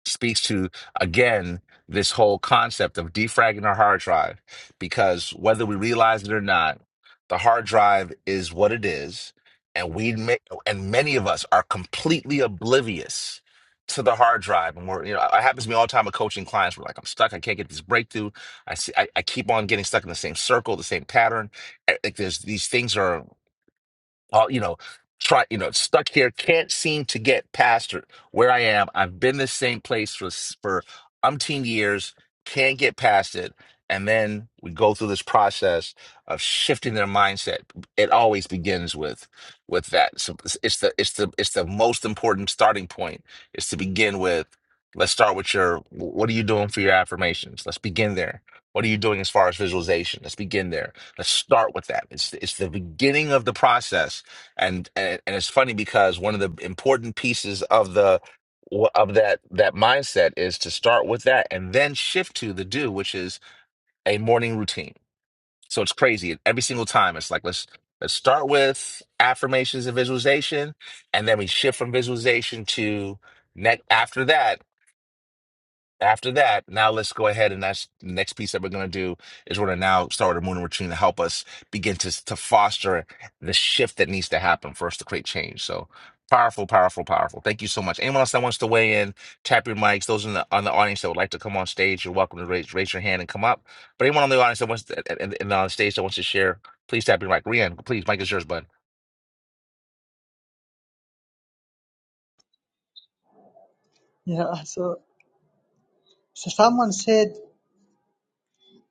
A: speaks to again this whole concept of defragging our hard drive because whether we realize it or not the hard drive is what it is and we ma- and many of us are completely oblivious to the hard drive and we're you know it happens to me all the time with coaching clients we're like i'm stuck i can't get this breakthrough i see i, I keep on getting stuck in the same circle the same pattern Eh, like there's these things are all you know try you know stuck here can't seem to get past it. where i am i've been the same place for s- for umpteen years can't get past it and then we go through this process of shifting their mindset it always begins with with that so it's it's the it's the it's the most important starting point is to begin with let's start with your what are you doing for your affirmations let's begin there what are you doing as far as visualization let's begin there let's start with that it's it's the beginning of the process and and, and it's funny because one of the important pieces of the of that that mindset is to start with that and then shift to the do which is a morning routine so it's crazy every single time it's like let's let's start with affirmations and visualization and then we shift from visualization to next after that after that, now let's go ahead and that's the next piece that we're going to do is we're going to now start with a moon routine to help us begin to to foster the shift that needs to happen for us to create change. So powerful, powerful, powerful. Thank you so much. Anyone else that wants to weigh in, tap your mics. Those in the on the audience that would like to come on stage, you're welcome to raise raise your hand and come up. But anyone on the audience that wants to, and, and on the stage that wants to share, please tap your mic. Rian, please, mic is yours, bud.
I: yeah so, so someone said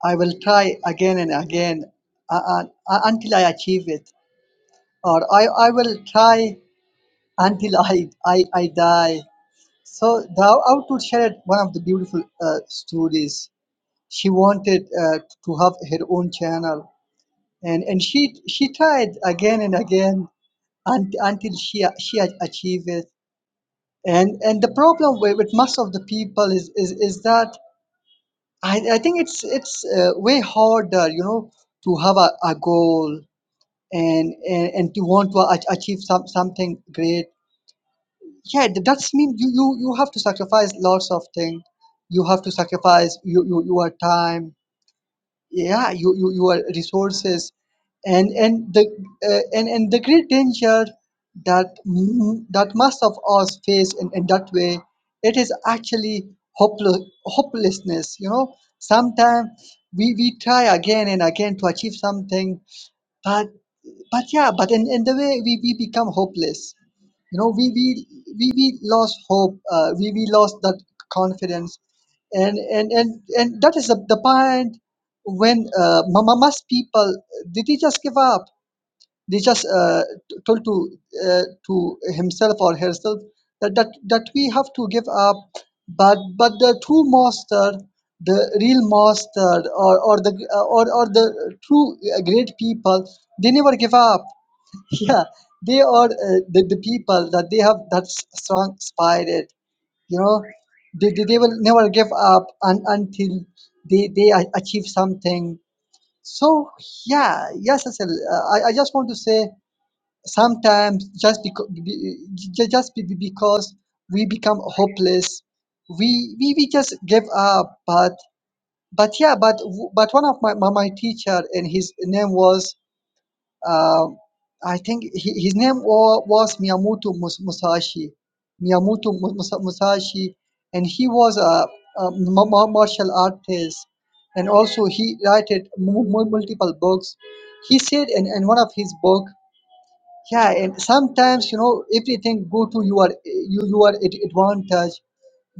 I: I will try again and again uh, uh, uh, until I achieve it, or I, I will try until I, I, I die. So thou outward shared one of the beautiful uh, stories. She wanted uh, to have her own channel, and, and she she tried again and again un- until she she had achieved it. And and the problem with, with most of the people is is, is that I, I think it's it's uh, way harder, you know, to have a, a goal and and, and to want to ach- achieve some, something great yeah th- that's mean you, you you have to sacrifice lots of things you have to sacrifice you, you, your time yeah you, you your resources and and the uh, and and the great danger that m- that most of us face in, in that way it is actually hopeless hopelessness you know sometimes we, we try again and again to achieve something but but yeah but in, in the way we, we become hopeless you know we we we, we lost hope uh, we we lost that confidence and and and, and that is the, the point when uh, ma- mass people did they just give up they just uh, t- told to uh, to himself or herself that, that that we have to give up but but the true master the real master or or the or, or the true uh, great people they never give up yeah they are uh, the, the people that they have that s- strong spirit you know they, they, they will never give up un, until they they a- achieve something so yeah yes Cecil, uh, I, I just want to say sometimes just because just be, be- because we become hopeless we, we we just give up but but yeah but w- but one of my, my, my teacher and his name was uh, I think he, his name wa- was Miyamoto Mus- Musashi. Miyamoto Mu- Musa- Musashi, and he was a, a ma- ma- martial artist, and also he wrote multiple books. He said in, in one of his book, yeah, and sometimes you know everything go to your you your ad- advantage.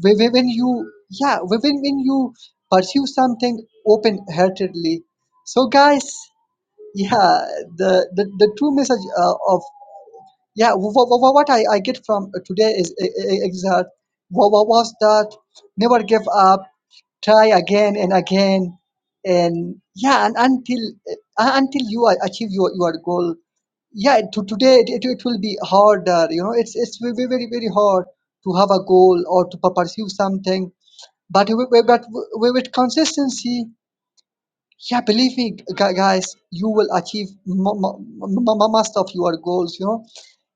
I: When when- when you yeah when when when you pursue something open heartedly. So guys, yeah the the, the true message uh, of yeah wh- wh- wh- what I, I get from today is i- i- is that what was that never give up try again and again and yeah and until uh, until you a- achieve your, your goal yeah to today it, it, it will be harder you know it's it's very very very hard to have a goal or to pu- pursue something but with, with- but with with consistency yeah believe me gu- guys you will achieve mu- mu- mu- mu- most of your goals you know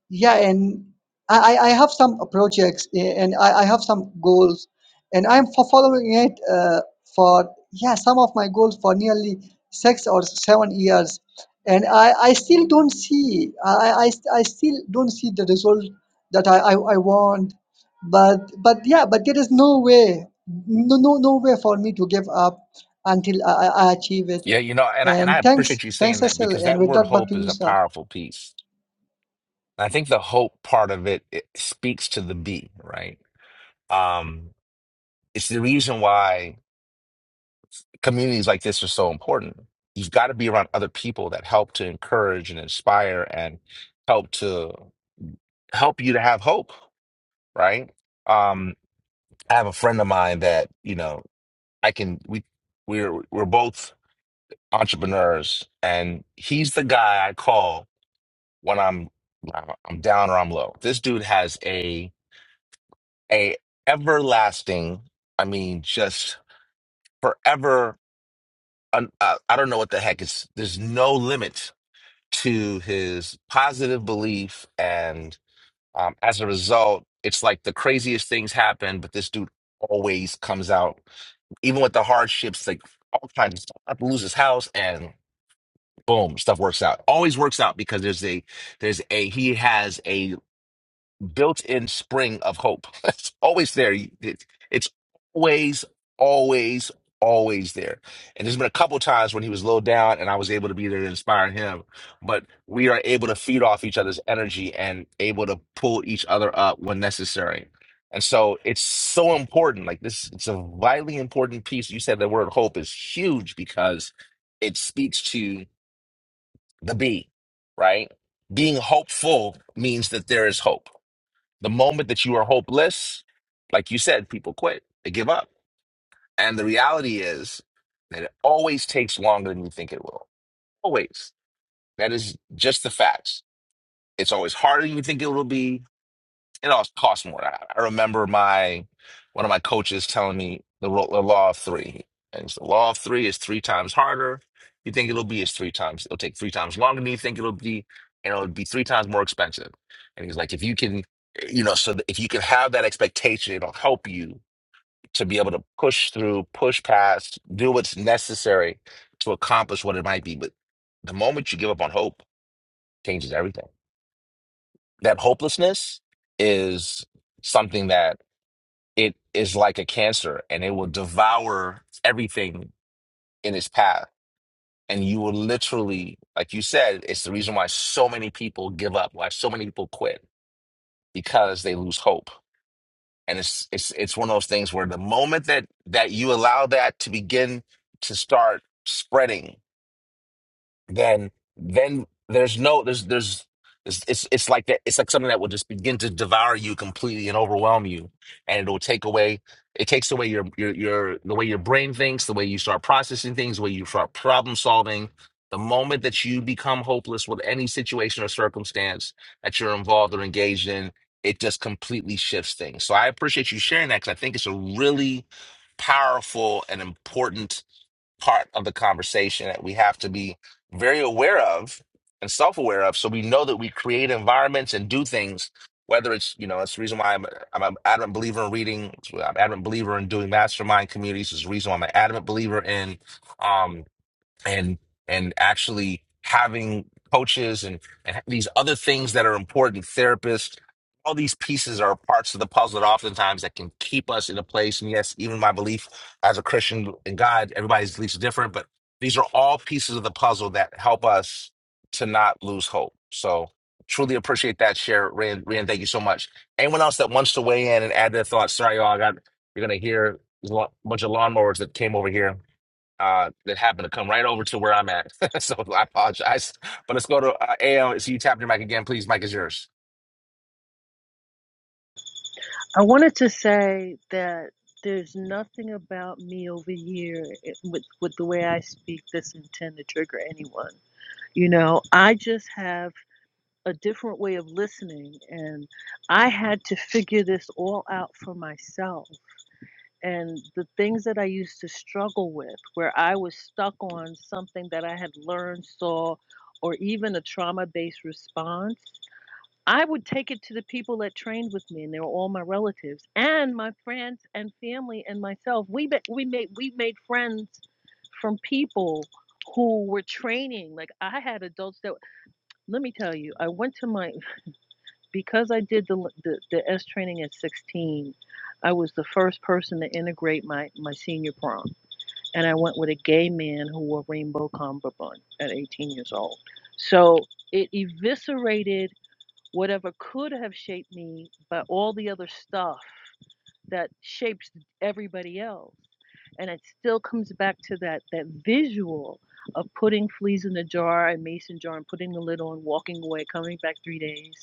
I: yeah and i i I have some uh, projects eh, and i, I have some goals and i'm for following it uh, for yeah some of my goals for nearly six or seven years and i i still don't see i i, I st- I still don't see the result that I, I i want but but yeah but there is no way no no no way for me to give up until i, I I achieve it
A: Yeah, you know, and I and
I: and
A: I
I: thanks
A: appreciate you
I: thanks
A: saying that
I: Cecil
A: because
I: and
A: that
I: with
A: word
I: that back
A: hope
I: to
A: is
I: you
A: a
I: sir
A: powerful piece I think the hope part of it, it speaks to the B, right? Um, it's the reason why communities like this are so important. You've got to be around other people that help to encourage and inspire and help to help you to have hope, right? Um, I have a friend of mine that, you know, I can we we're we're both entrepreneurs and he's the guy I call when I'm I'm down or I'm low. This dude has a a everlasting i mean just forever un- uh, i don't know what the heck it's there's no limit to his positive belief and um, as a result it's like the craziest things happen but this dude always comes out even with the hardships like all kinds of stuff I have to lose his house and boom stuff works out always works out because there's a there's a he has a. built-in spring of hope. It's always there. You- it- It's always, always, always there. And there's been a couple times when he was low down, and I was able to be there to inspire him. But we are able to feed off each other's energy and able to pull each other up when necessary. And so it's so important. Like this, it's a vitally important piece. You said the word hope is huge because it speaks to the B, right? Being hopeful means that there is hope the moment that you are hopeless, like you said, people quit, they give up. And the reality is that it always takes longer than you think it will. Always. That is just the facts. It's always harder than you think it will be it all costs more. I, I remember my one of my coaches telling me the, ro- the law of three. And it's the law of three is three times harder. You think it'll be is three times. It'll take three times longer than you think it'll be, and it'll be three times more expensive. And he's like, if you can, you know, so that if you can have that expectation, it'll help you to be able to push through, push past, do what's necessary to accomplish what it might be. But the moment you give up on hope, changes everything. That hopelessness is something that it is like a cancer and it will devour everything in its path. And you will literally, like you said, it's the reason why so many people give up, why so many people quit, because they lose hope. And it's it's it's one of those things where the moment that that you allow that to begin to start spreading then then there's no there's there's it's it's, it's like that it's like something that will just begin to devour you completely and overwhelm you and it'll take away it takes away your your your the way your brain thinks the way you start processing things the way you start problem solving the moment that you become hopeless with any situation or circumstance that you're involved or engaged in it just completely shifts things so i appreciate you sharing that because i think it's a really powerful and important part of the conversation that we have to be very aware of and self-aware of so we know that we create environments and do things whether it's you know that's the reason why i'm, I'm an adamant believer in reading it's why i'm an adamant believer in doing mastermind communities It's the reason why i'm an adamant believer in um, and and actually having coaches and, and these other things that are important therapists all these pieces are parts of the puzzle that oftentimes that can keep us in a place and yes even my belief as a christian in god everybody's beliefs are different but these are all pieces of the puzzle that help us to not lose hope so truly appreciate that share rand rand thank you so much anyone else that wants to weigh in and add their thoughts sorry y'all i got you're gonna hear a lot- bunch of lawnmowers that came over here uh, that happened to come right over to where I'm at. so I apologize. But let's go to uh, AL. So you tapped your mic again, please. Mike is yours.
H: I wanted to say that there's nothing about me over here it- with with the way I speak that's intend to trigger anyone. You know, I just have a different way of listening, and I had to figure this all out for myself. And the things that I used to struggle with, where I was stuck on something that I had learned, saw, or even a trauma based response. I would take it to the people that trained with me, and they were all my relatives and my friends and family and myself. We be, we made we made friends from people who were training. Like I had adults that let me tell you, I went to my because I did the the, the S training at 16. I was the first person to integrate my my senior prom, and I went with a gay man who wore rainbow cummerbund at 18 years old. So it eviscerated whatever could have shaped me, but all the other stuff that shapes everybody else. And it still comes back to that that visual of putting fleas in a jar, a mason jar, and putting the lid on, walking away, coming back three days.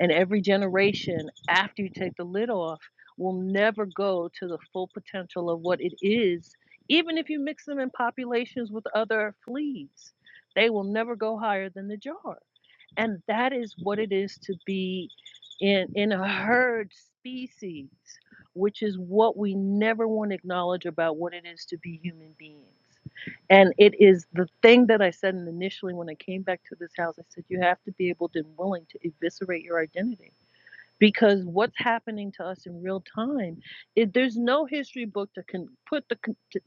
H: And every generation after you take the lid off will never go to the full potential of what it is, even if you mix them in populations with other fleas. They will never go higher than the jar and that is what it is to be in, in a herd species, which is what we never want to acknowledge about what it is to be human beings. And it is the thing that I said initially when I came back to this house. I said, you have to be able to and willing to eviscerate your identity. Because what's happening to us in real time, it, there's no history book to con- put the,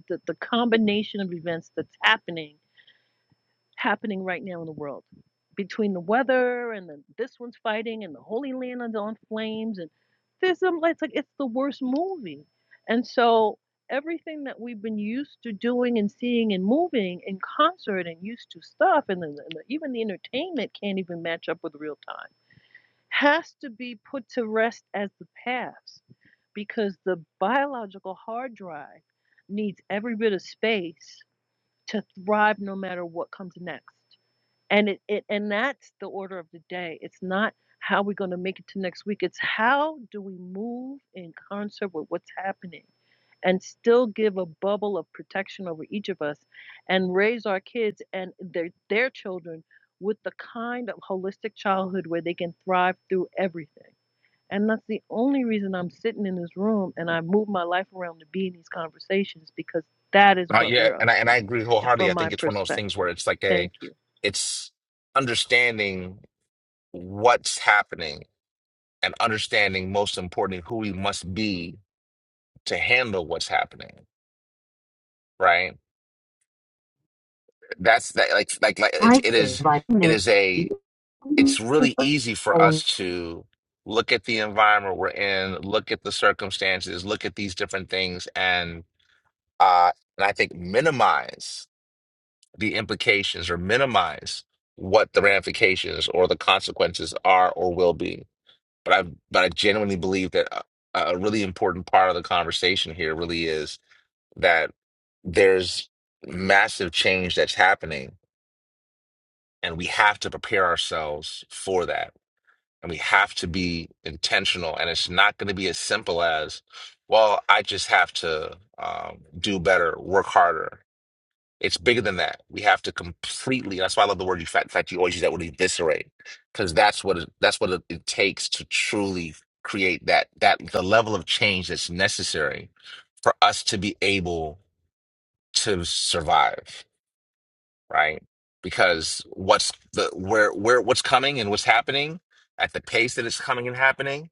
H: the the combination of events that's happening happening right now in the world between the weather and the, this one's fighting and the Holy Land is on flames and there's some it's like it's the worst movie. And so everything that we've been used to doing and seeing and moving in concert and used to stuff and, the, the, even the entertainment can't even match up with real time has to be put to rest as the past because the biological hard drive needs every bit of space to thrive no matter what comes next and it, it and that's the order of the day. It's not how we're going to make it to next week. It's how do we move in concert with what's happening and still give a bubble of protection over each of us and raise our kids and their their children with the kind of holistic childhood where they can thrive through everything. And that's the only reason I'm sitting in this room and I move my life around to be in these conversations because that is
A: Uh,
H: what
A: yeah,
H: we're up
A: and I
H: to
A: and I agree
H: and
A: wholeheartedly.
H: from
A: I
H: my
A: think it's one of those things
H: perspective.
A: where it's like a,
H: Thank you.
A: it's understanding what's happening and understanding most importantly who we must be to handle what's happening. Right. That's that. Like like like
D: I
A: it's it
D: did
A: is.
D: like
A: It
D: me.
A: is a. it's really easy for us
D: Oh,
A: to look at the environment we're in, look at the circumstances, look at these different things, and uh, and I think minimize the implications or minimize what the ramifications or the consequences are or will be. But I but I genuinely believe that a, a really important part of the conversation here really is that there's massive change that's happening, and we have to prepare ourselves for that And we have to be intentional. And it's not going to be as simple as, well, I just have to um, do better, work harder. It's bigger than that. We have to completely. That's why I love the word you. fa- In fact, you always use that word eviscerate, because that's what it, that's what it, it takes to truly create that that the level of change that's necessary for us to be able to survive right? Because what's the where where what's coming and what's happening at the pace that it's coming and happening.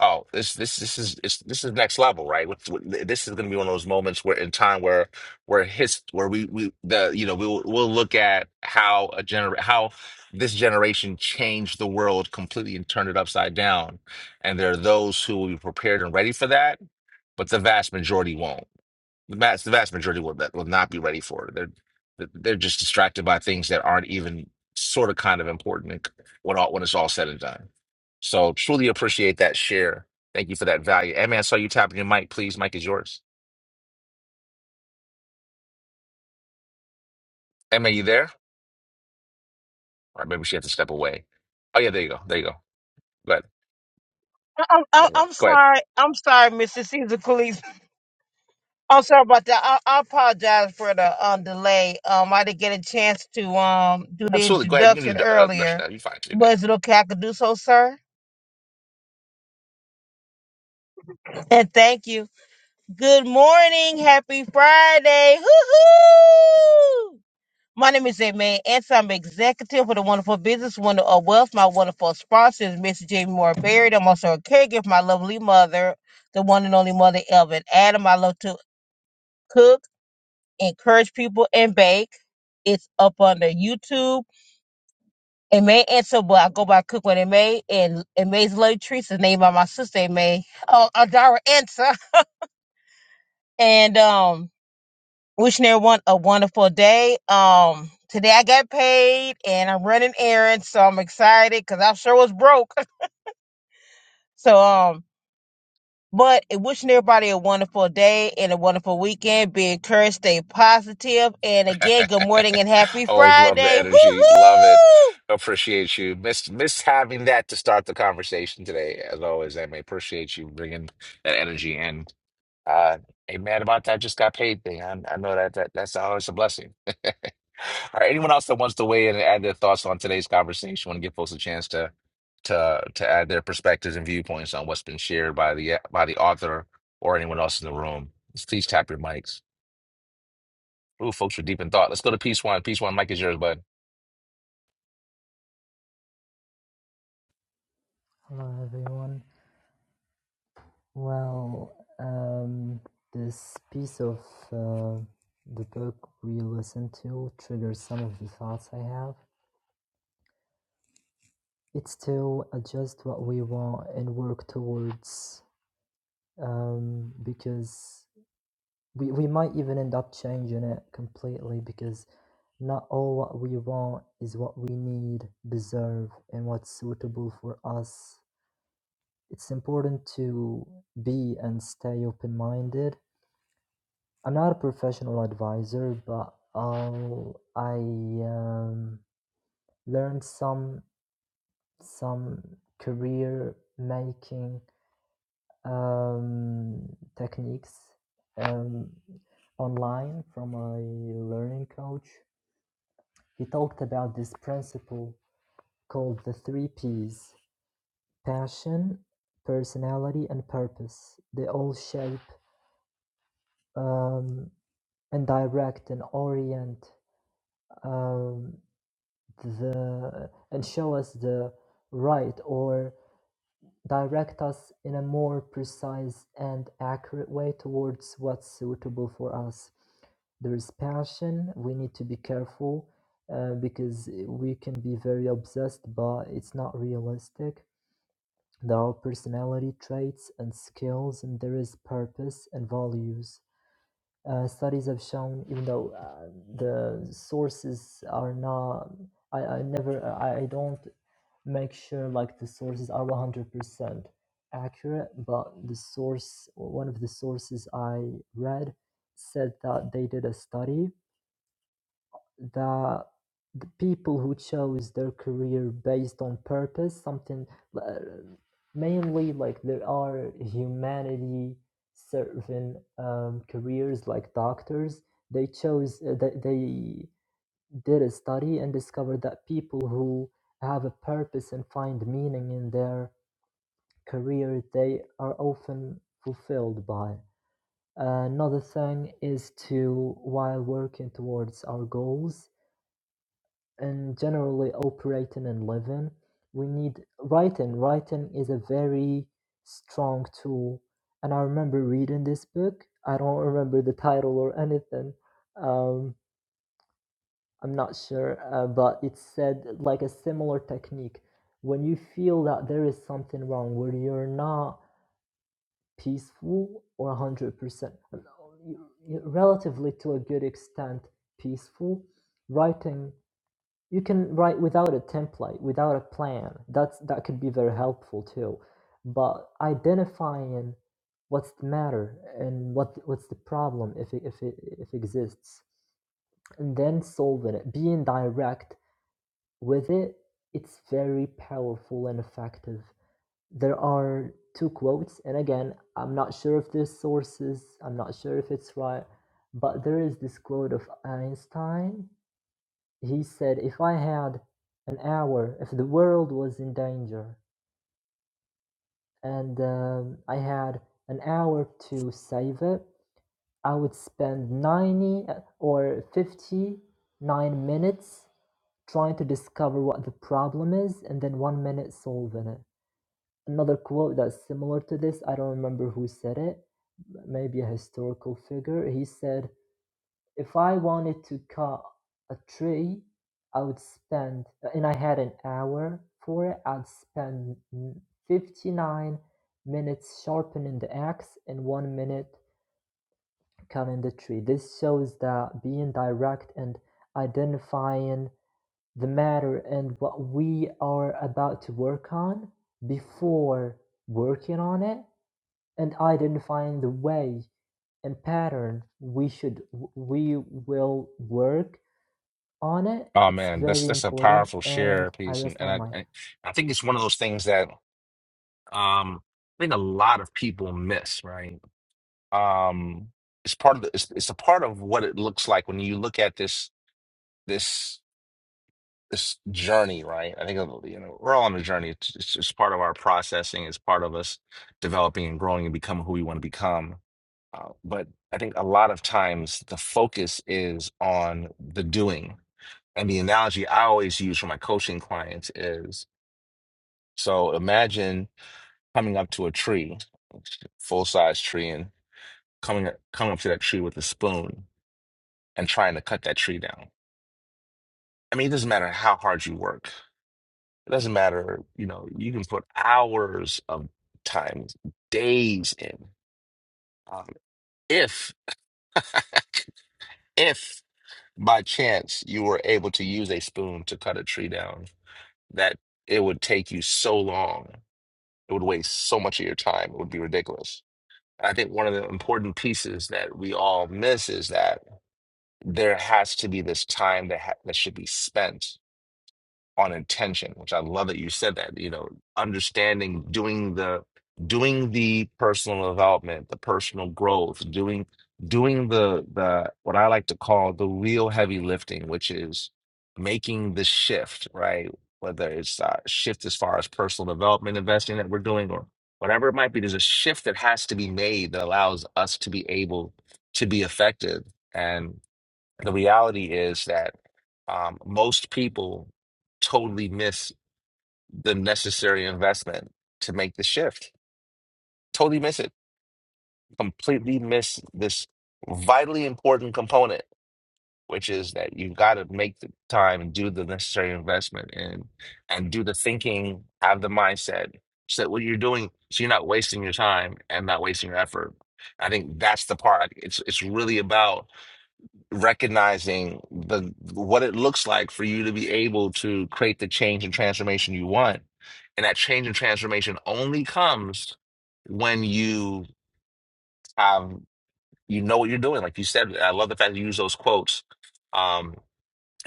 A: Oh, this this this is it's, this is next level, right? What's- what- This is going to be one of those moments where in time where where his where we we the you know we'll we'll look at how a gener how this generation changed the world completely and turned it upside down, and there are those who will be prepared and ready for that, but the vast majority won't the vast, the vast majority will that will not be ready for it. They're they're just distracted by things that aren't even sort of kind of important when all when it's all said and done. So truly appreciate that share. Thank you for that value. Emma, I saw you tapping your mic. Please, mic is yours. Emma, you there? Or maybe she had to step away. Oh yeah, there you go. There you go. Go ahead.
D: I'm, I'm,
A: Go ahead.
D: I'm
A: Go ahead.
D: sorry. I'm sorry, Mr. Caesar Cleese. I'm sorry about that. I, I apologize for the um, delay. Um, I didn't get a chance to um do the
A: Absolutely. Go ahead. You
D: introduction
A: can do uh, Russia
D: earlier.
A: now. You're fine. You're good.
D: But is it okay I could do so, sir? And thank you. Good morning. Happy Friday. Hoo-hoo! My name is Aimee Anson. I'm executive for the Wonderful Business Wonder of Wealth. My wonderful sponsor is Mrs. Jamie Moore Berry. I'm also a caregiver for my lovely mother, the one and only mother, Elvin Adam. I love to cook, encourage people, and bake. It's up under YouTube. Aimee Anson, but I go by Cook with Aimee. And Aimee's Love Treats is named by my sister, Aimee. Oh, Adara Anson. And, um, wishing everyone a wonderful day. Um, today I got paid and I'm running errands, so I'm excited because I sure was broke. So um, but wishing everybody a wonderful day and a wonderful weekend. Be encouraged, stay positive, and again, good morning and happy
A: Always love the
D: Friday. Hoo
A: energy. Love it.
D: hoo!
A: Appreciate you. Miss miss having that to start the conversation today. As always, I may appreciate you bringing that energy in. Uh, hey, man, about that just got paid thing. I, I know that, that that's always a blessing. All right. Anyone else that wants to weigh in and add their thoughts on today's conversation, want to give folks a chance to to to add their perspectives and viewpoints on what's been shared by the by the author or anyone else in the room. Please tap your mics. Ooh, folks were deep in thought. Let's go to piece one. Piece one, Mike is yours, bud.
E: Hello, everyone. Well, um, this piece of uh, the book we listened to triggers some of the thoughts I have. It's to adjust what we want and work towards um, because we, we might even end up changing it completely because Not all what we want is what we need, deserve, and what's suitable for us. It's important to be and stay open minded. I'm not a professional advisor, but I'll, I um, learned some some career making um, techniques um, online from a learning coach. He talked about this principle called the three P's passion, personality, and purpose. They all shape um, and direct and orient um, the and show us the right or direct us in a more precise and accurate way towards what's suitable for us. There is passion. We need to be careful uh, because we can be very obsessed, but it's not realistic There are personality traits and skills, and there is purpose and values. Uh, studies have shown, even though uh, the sources are not, I, I never, I, I don't make sure like the sources are 100% accurate, but the source, one of the sources I read said that they did a study the the people who chose their career based on purpose something uh, mainly like there are humanity serving um, careers like doctors they chose uh, they, they did a study and discovered that people who have a purpose and find meaning in their career they are often fulfilled by another thing is to while working towards our goals and generally operating and living, we need writing. Writing is a very strong tool. And I remember reading this book. I don't remember the title or anything. Um, I'm not sure, uh, but it said like a similar technique. When you feel that there is something wrong, where you're not peaceful or 100%, relatively to a good extent peaceful, writing you can write without a template without a plan that's that could be very helpful too but identifying what's the matter and what what's the problem if it, if it if it exists and then solving it being direct with it it's very powerful and effective there are two quotes and again i'm not sure if this sources i'm not sure if it's right but there is this quote of einstein he said, if I had an hour, if the world was in danger and um, I had an hour to save it, I would spend 90 uh, or 59 minutes trying to discover what the problem is and then one minute solving it. Another quote that's similar to this, I don't remember who said it, maybe a historical figure. He said, If I wanted to cut a tree, I would spend, and I had an hour for it, I'd spend mm, 59 minutes sharpening the axe and one minute cutting the tree. This shows that being direct and identifying the matter and what we are about to work on before working on it and identifying the way and pattern we should we will work on it.
A: Oh
E: It's
A: man, that's
E: very
A: that's a
E: important,
A: powerful
E: and
A: share
E: I
A: piece, and
E: rest
A: and
E: my mic.
A: I I I think it's one of those things that um I think a lot of people miss, right? Um, it's part of the, it's it's a part of what it looks like when you look at this this this journey, right? I think you know we're all on a journey. It's, it's it's part of our processing. It's part of us developing and growing and becoming who we want to become. Uh, but I think a lot of times the focus is on the doing And the analogy I always use for my coaching clients is so imagine coming up to a tree, full size tree, and coming coming up to that tree with a spoon and trying to cut that tree down. I mean, it doesn't matter how hard you work. It doesn't matter, you know, you can put hours of time, days in. Um, if, if by chance you were able to use a spoon to cut a tree down, that it would take you so long it would waste so much of your time. It would be ridiculous. And I think one of the important pieces that we all miss is that there has to be this time that ha that should be spent on intention, which I love that you said that, you know, understanding doing the doing the personal development, the personal growth, doing doing the the what I like to call the real heavy lifting, which is making the shift, right? Whether it's a shift as far as personal development investing that we're doing or whatever it might be, there's a shift that has to be made that allows us to be able to be effective. and. The reality is that um, most people totally miss the necessary investment to make the shift. Totally miss it. Completely miss this vitally important component, which is that you've got to make the time and do the necessary investment and and do the thinking, have the mindset, so that what you're doing, so you're not wasting your time and not wasting your effort. I think that's the part. It's it's really about recognizing the what it looks like for you to be able to create the change and transformation you want. And that change and transformation only comes when you um you know what you're doing. Like you said, I love the fact that you use those quotes. Um,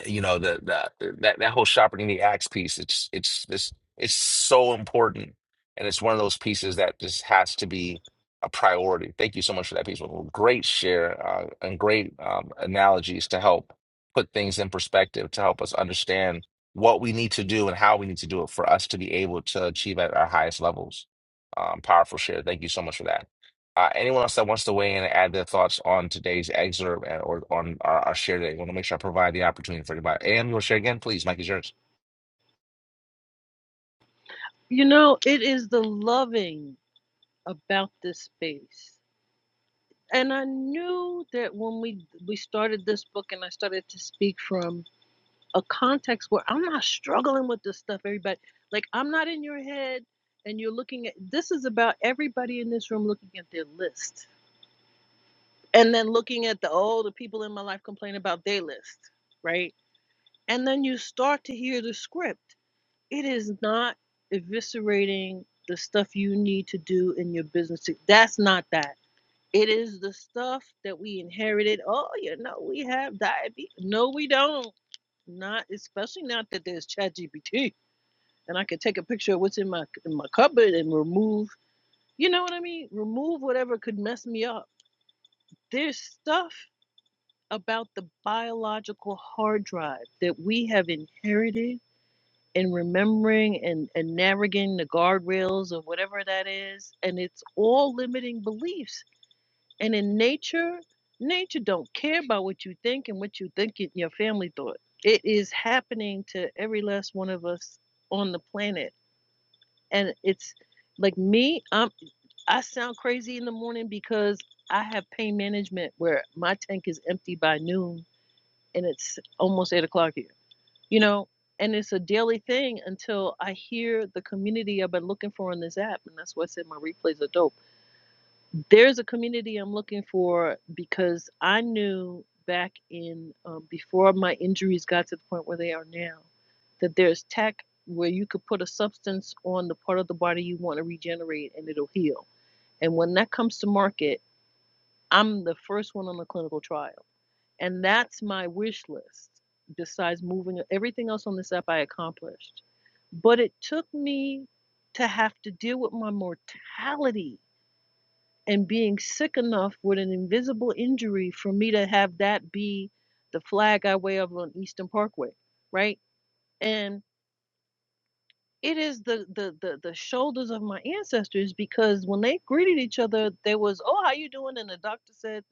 A: you know the, the that that whole sharpening the axe piece it's it's this it's so important and it's one of those pieces that just has to be a priority thank you so much for that piece Well, great share uh, and great um, analogies to help put things in perspective to help us understand what we need to do and how we need to do it for us to be able to achieve at our highest levels um, powerful share thank you so much for that uh, anyone else that wants to weigh in and add their thoughts on today's excerpt and, or on our, our share today, want to make sure I provide the opportunity for everybody. AM, you want to share again, please? Mike is yours.
H: You know, it is the loving about this space. And I knew that when we we started this book and I started to speak from a context where I'm not struggling with this stuff, everybody. Like I'm not in your head and you're looking at this is about everybody in this room looking at their list. And then looking at the oh, the people in my life complain about their list, right? And then you start to hear the script. It is not eviscerating the stuff you need to do in your business. That's not that. It is the stuff that we inherited. Oh, you know, we have diabetes. No, we don't. Not especially not that there's ChatGPT and I could take a picture of what's in my in my cupboard and remove. You know what I mean? Remove whatever could mess me up. There's stuff about the biological hard drive that we have inherited and remembering and, and navigating the guardrails or whatever that is and it's all limiting beliefs and in nature nature don't care about what you think and what you think your family thought it is happening to every last one of us on the planet and it's like me i am i sound crazy in the morning because i have pain management where my tank is empty by noon and it's almost eight o'clock here you know and it's a daily thing until i hear the community i've been looking for on this app and that's why i said my replays are dope there's a community i'm looking for because i knew back in um, before my injuries got to the point where they are now that there's tech where you could put a substance on the part of the body you want to regenerate and it'll heal and when that comes to market i'm the first one on the clinical trial and that's my wish list, besides moving everything else on this app I accomplished. But it took me to have to deal with my mortality and being sick enough with an invisible injury for me to have that be the flag I wave on Eastern Parkway, right? And it is the, the the the shoulders of my ancestors because when they greeted each other, there was, "Oh, how you doing?" and the doctor said,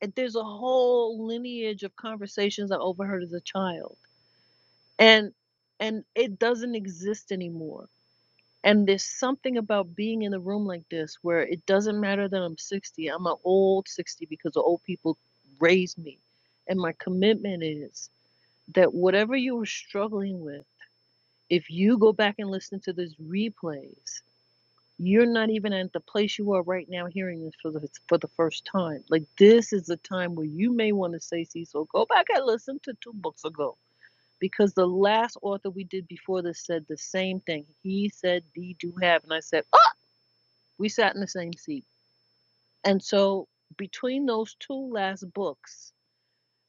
H: and there's a whole lineage of conversations I overheard as a child and and it doesn't exist anymore and there's something about being in a room like this where it doesn't matter that i'm 60 i'm an old 60 because the old people raised me and my commitment is that whatever you were struggling with if you go back and listen to this replays you're not even at the place you are right now hearing this for the for the first time like this is a time where you may want to say cecil go back and listen to two books ago because the last author we did before this said the same thing. He said, "D do have," and I said, "Oh!" We sat in the same seat, and so between those two last books,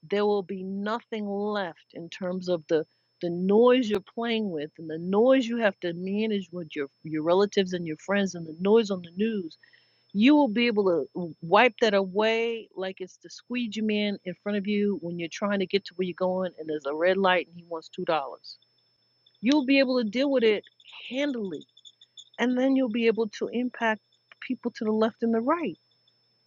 H: there will be nothing left in terms of the the noise you're playing with and the noise you have to manage with your your relatives and your friends and the noise on the news. You will be able to wipe that away like it's the squeegee man in front of you when you're trying to get to where you're going and there's a red light and he wants two dollars You'll be able to deal with it handily. And then you'll be able to impact people to the left and the right.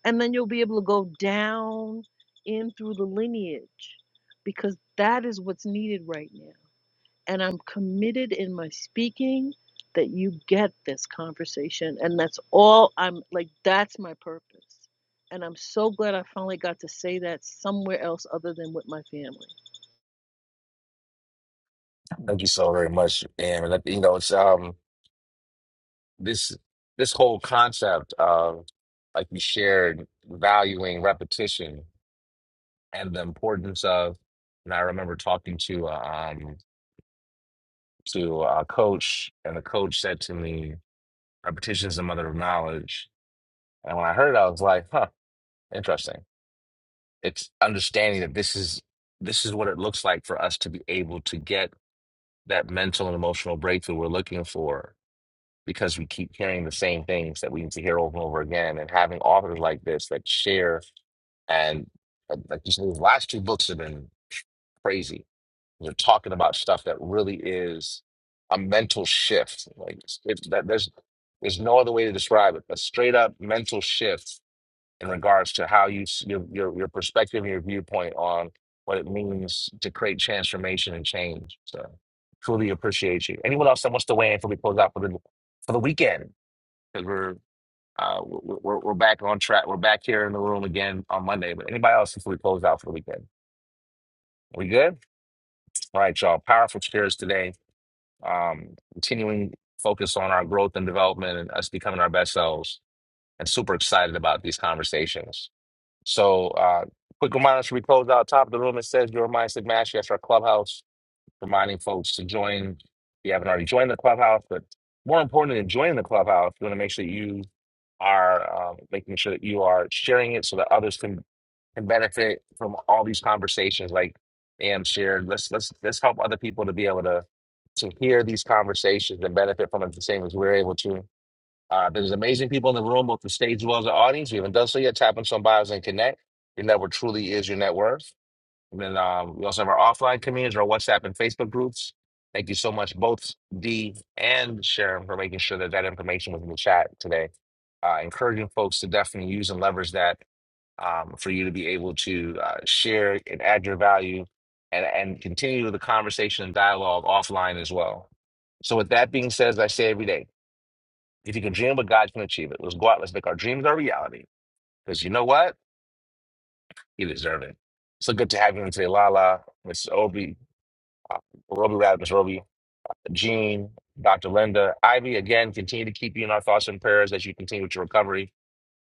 H: And then you'll be able to go down in through the lineage because that is what's needed right now. And I'm committed in my speaking that you get this conversation. And that's all I'm like, that's my purpose and I'm so glad I finally got to say that somewhere else other than with my family.
A: Thank you so very much, Am. And that- you know, it's um this this whole concept of like you shared valuing repetition and the importance of. And I remember talking to uh, um to a coach, and the coach said to me, "Repetition is the mother of knowledge." And when I heard it, I was like, "Huh, interesting." it's understanding that this is this is what it looks like for us to be able to get that mental and emotional breakthrough we're looking for because we keep hearing the same things that we need to hear over and over again and having authors like this that share and uh, like you said the last two books have been crazy they're talking about stuff that really is a mental shift like it's, it's that there's there's no other way to describe it a straight up mental shift in regards to how you s- your your, your perspective and your viewpoint on what it means to create transformation and change. So truly appreciate you. Anyone else that wants to weigh in before we close out for the for the weekend? Because we're uh, we're, we're we're back on track. We're back here in the room again on Monday. But anybody else before we close out for the weekend? We good? All right, y'all. Powerful shares today. Um, continuing focus on our growth and development and us becoming our best selves. And super excited about these conversations. So, uh, quick reminder should we close out top of the room? It says your mindset mastery. That's our clubhouse, reminding folks to join. If you haven't already joined the clubhouse, but more important than joining the clubhouse, you want to make sure that you are um, making sure that you are sharing it so that others can can benefit from all these conversations. Like Am shared, let's let's let's help other people to be able to to hear these conversations and benefit from it the same as we're able to. Uh, there's amazing people in the room, both the stage as well as the audience. We haven't done so yet. Tap on some bios and connect. Your network truly is your net worth. And then um, we also have our offline communities, our WhatsApp and Facebook groups. Thank you so much, both Dee and Sharon, for making sure that that information was in the chat today. Uh, encouraging folks to definitely use and leverage that um, for you to be able to uh, share and add your value and, and continue the conversation and dialogue offline as well. So, with that being said, as I say every day, if you can dream what God can achieve it. Let's go out. Let's make our dreams our reality. Because you know what? You deserve it. So good to have you in today, Lala, Miss Obi, uh, Roby Rad, Miss Roby, Jean, Dr. Linda, Ivy. Again, continue to keep you in our thoughts and prayers as you continue with your recovery.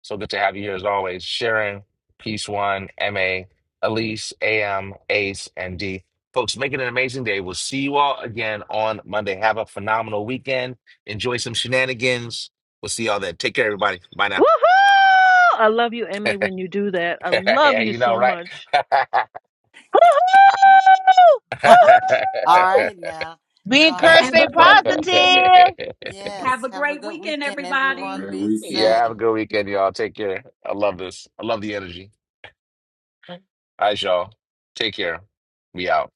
A: So good to have you here as always. Sharon, Peace One, MA, Elise, AM, Ace, and D. Folks, make it an amazing day. We'll see you all again on Monday. Have a phenomenal weekend. Enjoy some shenanigans. We'll see y'all then. Take care, everybody. Bye now.
H: Woohoo! I love you, MA, when you do that. I love
A: yeah,
H: you
A: you know,
H: so
A: right?
H: much.
D: Hoo hoo!
B: All
D: Hoo hoo!
B: right now.
D: Be
B: You all have
D: encouraged,
B: a
J: Have
D: stay
J: a great weekend.
D: positive.
J: Have
B: yes,
J: a
B: have a
J: great
B: good
J: weekend,
B: weekend,
G: Have a
B: everyone.
J: everybody.
G: great
B: Be
G: weekend.
B: safe.
A: yeah, have a good weekend, y'all. Take care. I love this. I love the energy. All right, y'all. Take care. We out.